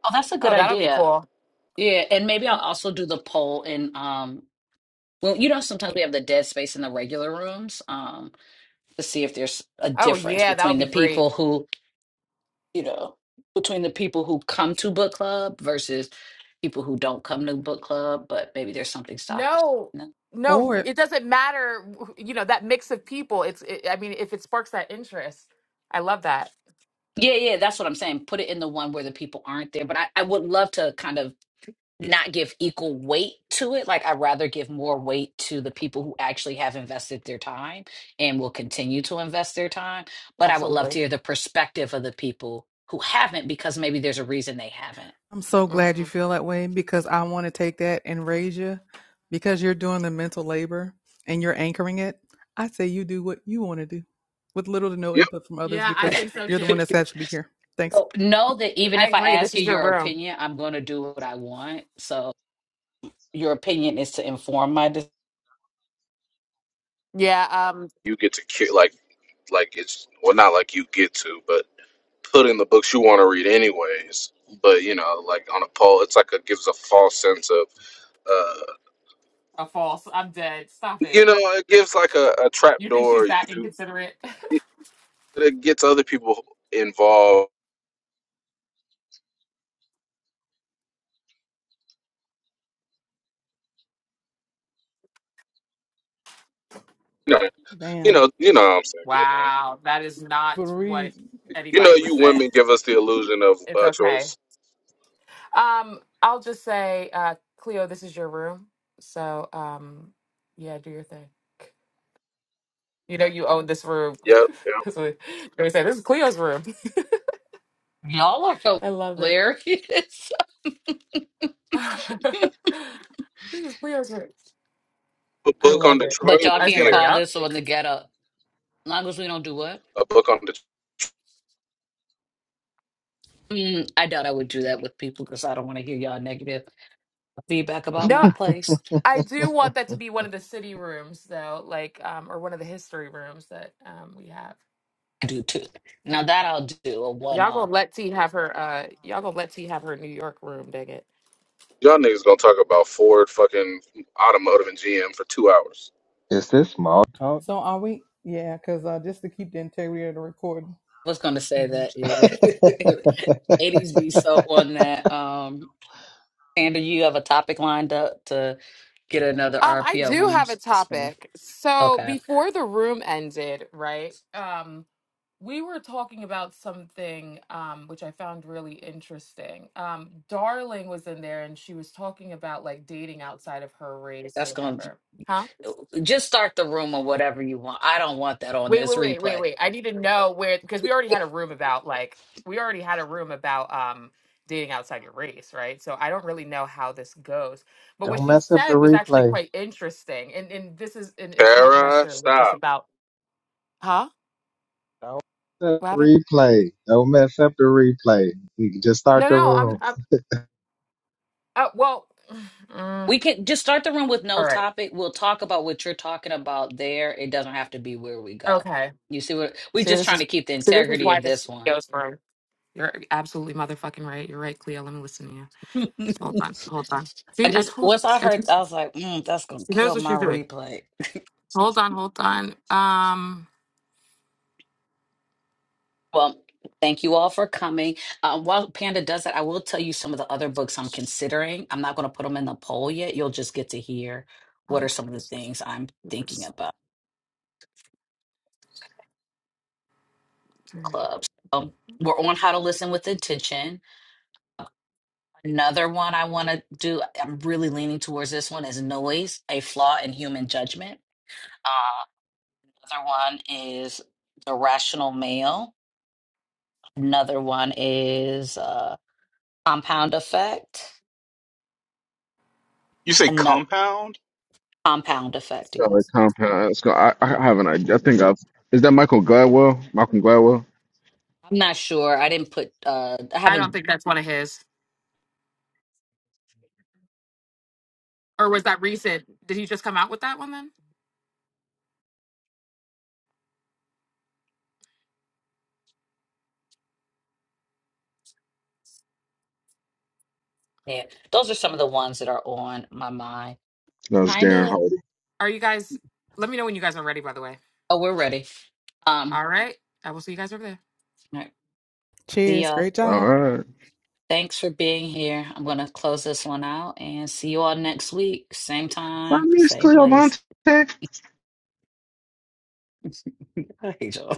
[SPEAKER 1] Oh, that's a good
[SPEAKER 9] Oh, that'll be
[SPEAKER 1] idea.
[SPEAKER 9] cool.
[SPEAKER 1] Yeah, and maybe I'll also do the poll in um well, you know, sometimes we have the dead space in the regular rooms um to see if there's a
[SPEAKER 9] Oh
[SPEAKER 1] difference
[SPEAKER 9] yeah, that'll
[SPEAKER 1] between
[SPEAKER 9] be
[SPEAKER 1] the
[SPEAKER 9] great.
[SPEAKER 1] people who you know, between the people who come to book club versus people who don't come to book club, but maybe there's something stopping
[SPEAKER 9] No,
[SPEAKER 1] them.
[SPEAKER 9] no,
[SPEAKER 7] Or
[SPEAKER 9] it doesn't matter. You know that mix of people. It's. It, I mean, if it sparks that interest, I love that.
[SPEAKER 1] Yeah, yeah, that's what I'm saying. Put it in the one where the people aren't there. But I, I would love to kind of not give equal weight to it. Like I'd rather give more weight to the people who actually have invested their time and will continue to invest their time. But I would love
[SPEAKER 9] Absolutely.
[SPEAKER 1] to hear the perspective of the people who haven't because maybe there's a reason they
[SPEAKER 7] I'm so glad you
[SPEAKER 9] Mm.
[SPEAKER 7] feel that way because I want to take that and raise you because you're doing the mental labor and you're anchoring it. I say you do what you want to do with little to no
[SPEAKER 10] Yep,
[SPEAKER 7] input from others
[SPEAKER 9] Yeah, I
[SPEAKER 7] because
[SPEAKER 1] haven't.
[SPEAKER 9] think so
[SPEAKER 7] you're the one
[SPEAKER 9] too.
[SPEAKER 7] that's has to be here. Thanks.
[SPEAKER 1] So know that even
[SPEAKER 9] I
[SPEAKER 1] if I
[SPEAKER 9] agree. This
[SPEAKER 1] ask you
[SPEAKER 9] is your
[SPEAKER 1] your
[SPEAKER 9] room.
[SPEAKER 1] opinion, I'm going to do what I want. So your opinion is to inform my decision.
[SPEAKER 9] Yeah. um,
[SPEAKER 10] you get to ki- like like it's well not like you get to, but put in the books you want to read anyways. But you know, like on a poll, it's like it gives a false sense of uh,
[SPEAKER 9] A false. I'm dead. Stop
[SPEAKER 10] you
[SPEAKER 9] it.
[SPEAKER 10] know, it gives like a, a trap
[SPEAKER 9] You think she's
[SPEAKER 10] door.
[SPEAKER 9] that
[SPEAKER 10] You,
[SPEAKER 9] inconsiderate?
[SPEAKER 10] it gets other people involved. You know, you
[SPEAKER 7] Damn.
[SPEAKER 10] know, you know what I'm saying.
[SPEAKER 9] wow, that is not
[SPEAKER 7] But
[SPEAKER 9] what
[SPEAKER 7] read.
[SPEAKER 10] You know,
[SPEAKER 9] anybody was
[SPEAKER 10] you
[SPEAKER 9] saying.
[SPEAKER 10] women give us the illusion of
[SPEAKER 9] It's
[SPEAKER 10] uh,
[SPEAKER 9] okay.
[SPEAKER 10] choice.
[SPEAKER 9] Um, I'll just say, uh, Cleo, this is your room. So, um, yeah, do your thing. You know, you own this room.
[SPEAKER 10] Yep. yep.
[SPEAKER 9] That's what they say. This is Cleo's room.
[SPEAKER 1] Y'all are so
[SPEAKER 9] I love it.
[SPEAKER 1] hilarious.
[SPEAKER 9] this is Cleo's room.
[SPEAKER 10] A
[SPEAKER 9] I
[SPEAKER 10] book on
[SPEAKER 9] love it.
[SPEAKER 10] Detroit.
[SPEAKER 1] but y'all
[SPEAKER 9] I
[SPEAKER 10] I'm
[SPEAKER 9] just be
[SPEAKER 1] can't
[SPEAKER 9] like,
[SPEAKER 10] here.
[SPEAKER 1] call
[SPEAKER 9] yup.
[SPEAKER 1] this on the get up. Long as we don't do what?
[SPEAKER 10] A book on Detroit.
[SPEAKER 1] Mm, I doubt I would do that with people because I don't want to hear y'all negative feedback about
[SPEAKER 9] No,
[SPEAKER 1] my place.
[SPEAKER 9] I do want that to be one of the city rooms though, like um or one of the history rooms that um we have.
[SPEAKER 1] I do too. Now that I'll do a one
[SPEAKER 9] Y'all
[SPEAKER 1] off.
[SPEAKER 9] gonna let T have her uh y'all gonna let T have her New York room, dang it.
[SPEAKER 10] Y'all niggas gonna talk about Ford, fucking automotive, and GM for two hours.
[SPEAKER 5] Is this small talk?
[SPEAKER 7] So are we? Yeah, because uh, just to keep the integrity of the recording.
[SPEAKER 1] I was going to say
[SPEAKER 7] hmm
[SPEAKER 1] that yeah. 80s be so on that. Um, Sandra, you have a topic lined up to get another
[SPEAKER 9] Um I
[SPEAKER 1] RPO
[SPEAKER 9] do
[SPEAKER 1] room
[SPEAKER 9] have a
[SPEAKER 1] spin.
[SPEAKER 9] topic. So
[SPEAKER 1] Okay.
[SPEAKER 9] before the room ended, right? Um we were talking about something um which I found really interesting. Um Darling was in there and she was talking about like dating outside of her race or
[SPEAKER 1] That's going
[SPEAKER 9] whatever. Huh?
[SPEAKER 1] to just start the room or whatever you want. I don't want that on
[SPEAKER 9] Wait,
[SPEAKER 1] this
[SPEAKER 9] wait, wait, wait,
[SPEAKER 1] replay.
[SPEAKER 9] wait. I need to know where because we already had a room about like we already had a room about um dating outside your race, right? So I don't really know how this goes. But what
[SPEAKER 5] Don't
[SPEAKER 9] she
[SPEAKER 5] mess up the
[SPEAKER 9] said was actually
[SPEAKER 5] replay.
[SPEAKER 9] quite interesting. And and this is and it's not
[SPEAKER 10] Para,
[SPEAKER 9] necessarily just
[SPEAKER 10] stop.
[SPEAKER 9] about Huh?
[SPEAKER 5] Don't mess up the
[SPEAKER 9] What happened?
[SPEAKER 5] replay. Don't mess up the replay. You can just start
[SPEAKER 9] No,
[SPEAKER 5] the
[SPEAKER 9] no, I'm,
[SPEAKER 5] room.
[SPEAKER 9] I'm uh, well mm,
[SPEAKER 1] We can just start the room with no
[SPEAKER 9] all right.
[SPEAKER 1] topic. We'll talk about what you're talking about there. It doesn't have to be where we go.
[SPEAKER 9] Okay.
[SPEAKER 1] You see what we're
[SPEAKER 9] See
[SPEAKER 1] just
[SPEAKER 9] this
[SPEAKER 1] trying
[SPEAKER 9] is
[SPEAKER 1] to keep the
[SPEAKER 9] so this is
[SPEAKER 1] integrity
[SPEAKER 9] why
[SPEAKER 1] of
[SPEAKER 9] this
[SPEAKER 1] this one.
[SPEAKER 9] goes wrong. You're absolutely motherfucking right. You're right, Cleo. Let me listen to you. Hold on. Hold on. See,
[SPEAKER 1] I
[SPEAKER 9] I
[SPEAKER 1] just
[SPEAKER 9] told
[SPEAKER 1] once I
[SPEAKER 9] I
[SPEAKER 1] heard
[SPEAKER 9] told-
[SPEAKER 1] I was
[SPEAKER 9] she
[SPEAKER 1] like, mm, that's gonna
[SPEAKER 9] knows
[SPEAKER 1] kill
[SPEAKER 9] what
[SPEAKER 1] my
[SPEAKER 9] she's doing.
[SPEAKER 1] replay.
[SPEAKER 9] Hold on, hold on. Um,
[SPEAKER 1] Well, thank you all for coming. Uh, while Panda does that, I will tell you some of the other books I'm considering. I'm not going to put them in the poll yet. You'll just get to hear what
[SPEAKER 9] one,
[SPEAKER 1] are
[SPEAKER 9] two,
[SPEAKER 1] some of the things I'm
[SPEAKER 9] three,
[SPEAKER 1] thinking about
[SPEAKER 9] thirty.
[SPEAKER 1] clubs. Um, we're on How to Listen with Intention. Another one I want to do, I'm really leaning towards this one, is Noise, a Flaw in Human Judgment. Uh, another one is The Rational Male. Another one is uh, Compound Effect.
[SPEAKER 13] You say
[SPEAKER 1] Another
[SPEAKER 13] compound?
[SPEAKER 1] Compound Effect, yeah
[SPEAKER 10] Got a compound. Let's go. I, I have an idea. I think I've. Is that Michael Gladwell? Malcolm Gladwell?
[SPEAKER 1] I'm not sure. I didn't put uh I
[SPEAKER 9] I don't
[SPEAKER 1] haven't
[SPEAKER 9] think that's one of his. Or was that recent? Did he just come out with that one then?
[SPEAKER 1] yeah. Those are some of the ones that are on my mind.
[SPEAKER 10] No, it's Darren
[SPEAKER 1] Kinda
[SPEAKER 10] Hardy.
[SPEAKER 9] Are you guys? Let me know when you guys are ready. By the way.
[SPEAKER 1] oh we're ready. Um
[SPEAKER 9] All right. I will see you guys over there.
[SPEAKER 1] all right. See
[SPEAKER 7] Cheers.
[SPEAKER 1] y'all.
[SPEAKER 7] Great
[SPEAKER 10] All
[SPEAKER 7] job.
[SPEAKER 10] right.
[SPEAKER 1] thanks for being here. I'm gonna close this one out and see you all next week. Same
[SPEAKER 10] My
[SPEAKER 1] time,
[SPEAKER 10] name is
[SPEAKER 1] same
[SPEAKER 10] Cleo
[SPEAKER 1] place.
[SPEAKER 10] Cleovante.
[SPEAKER 1] Bye, y'all.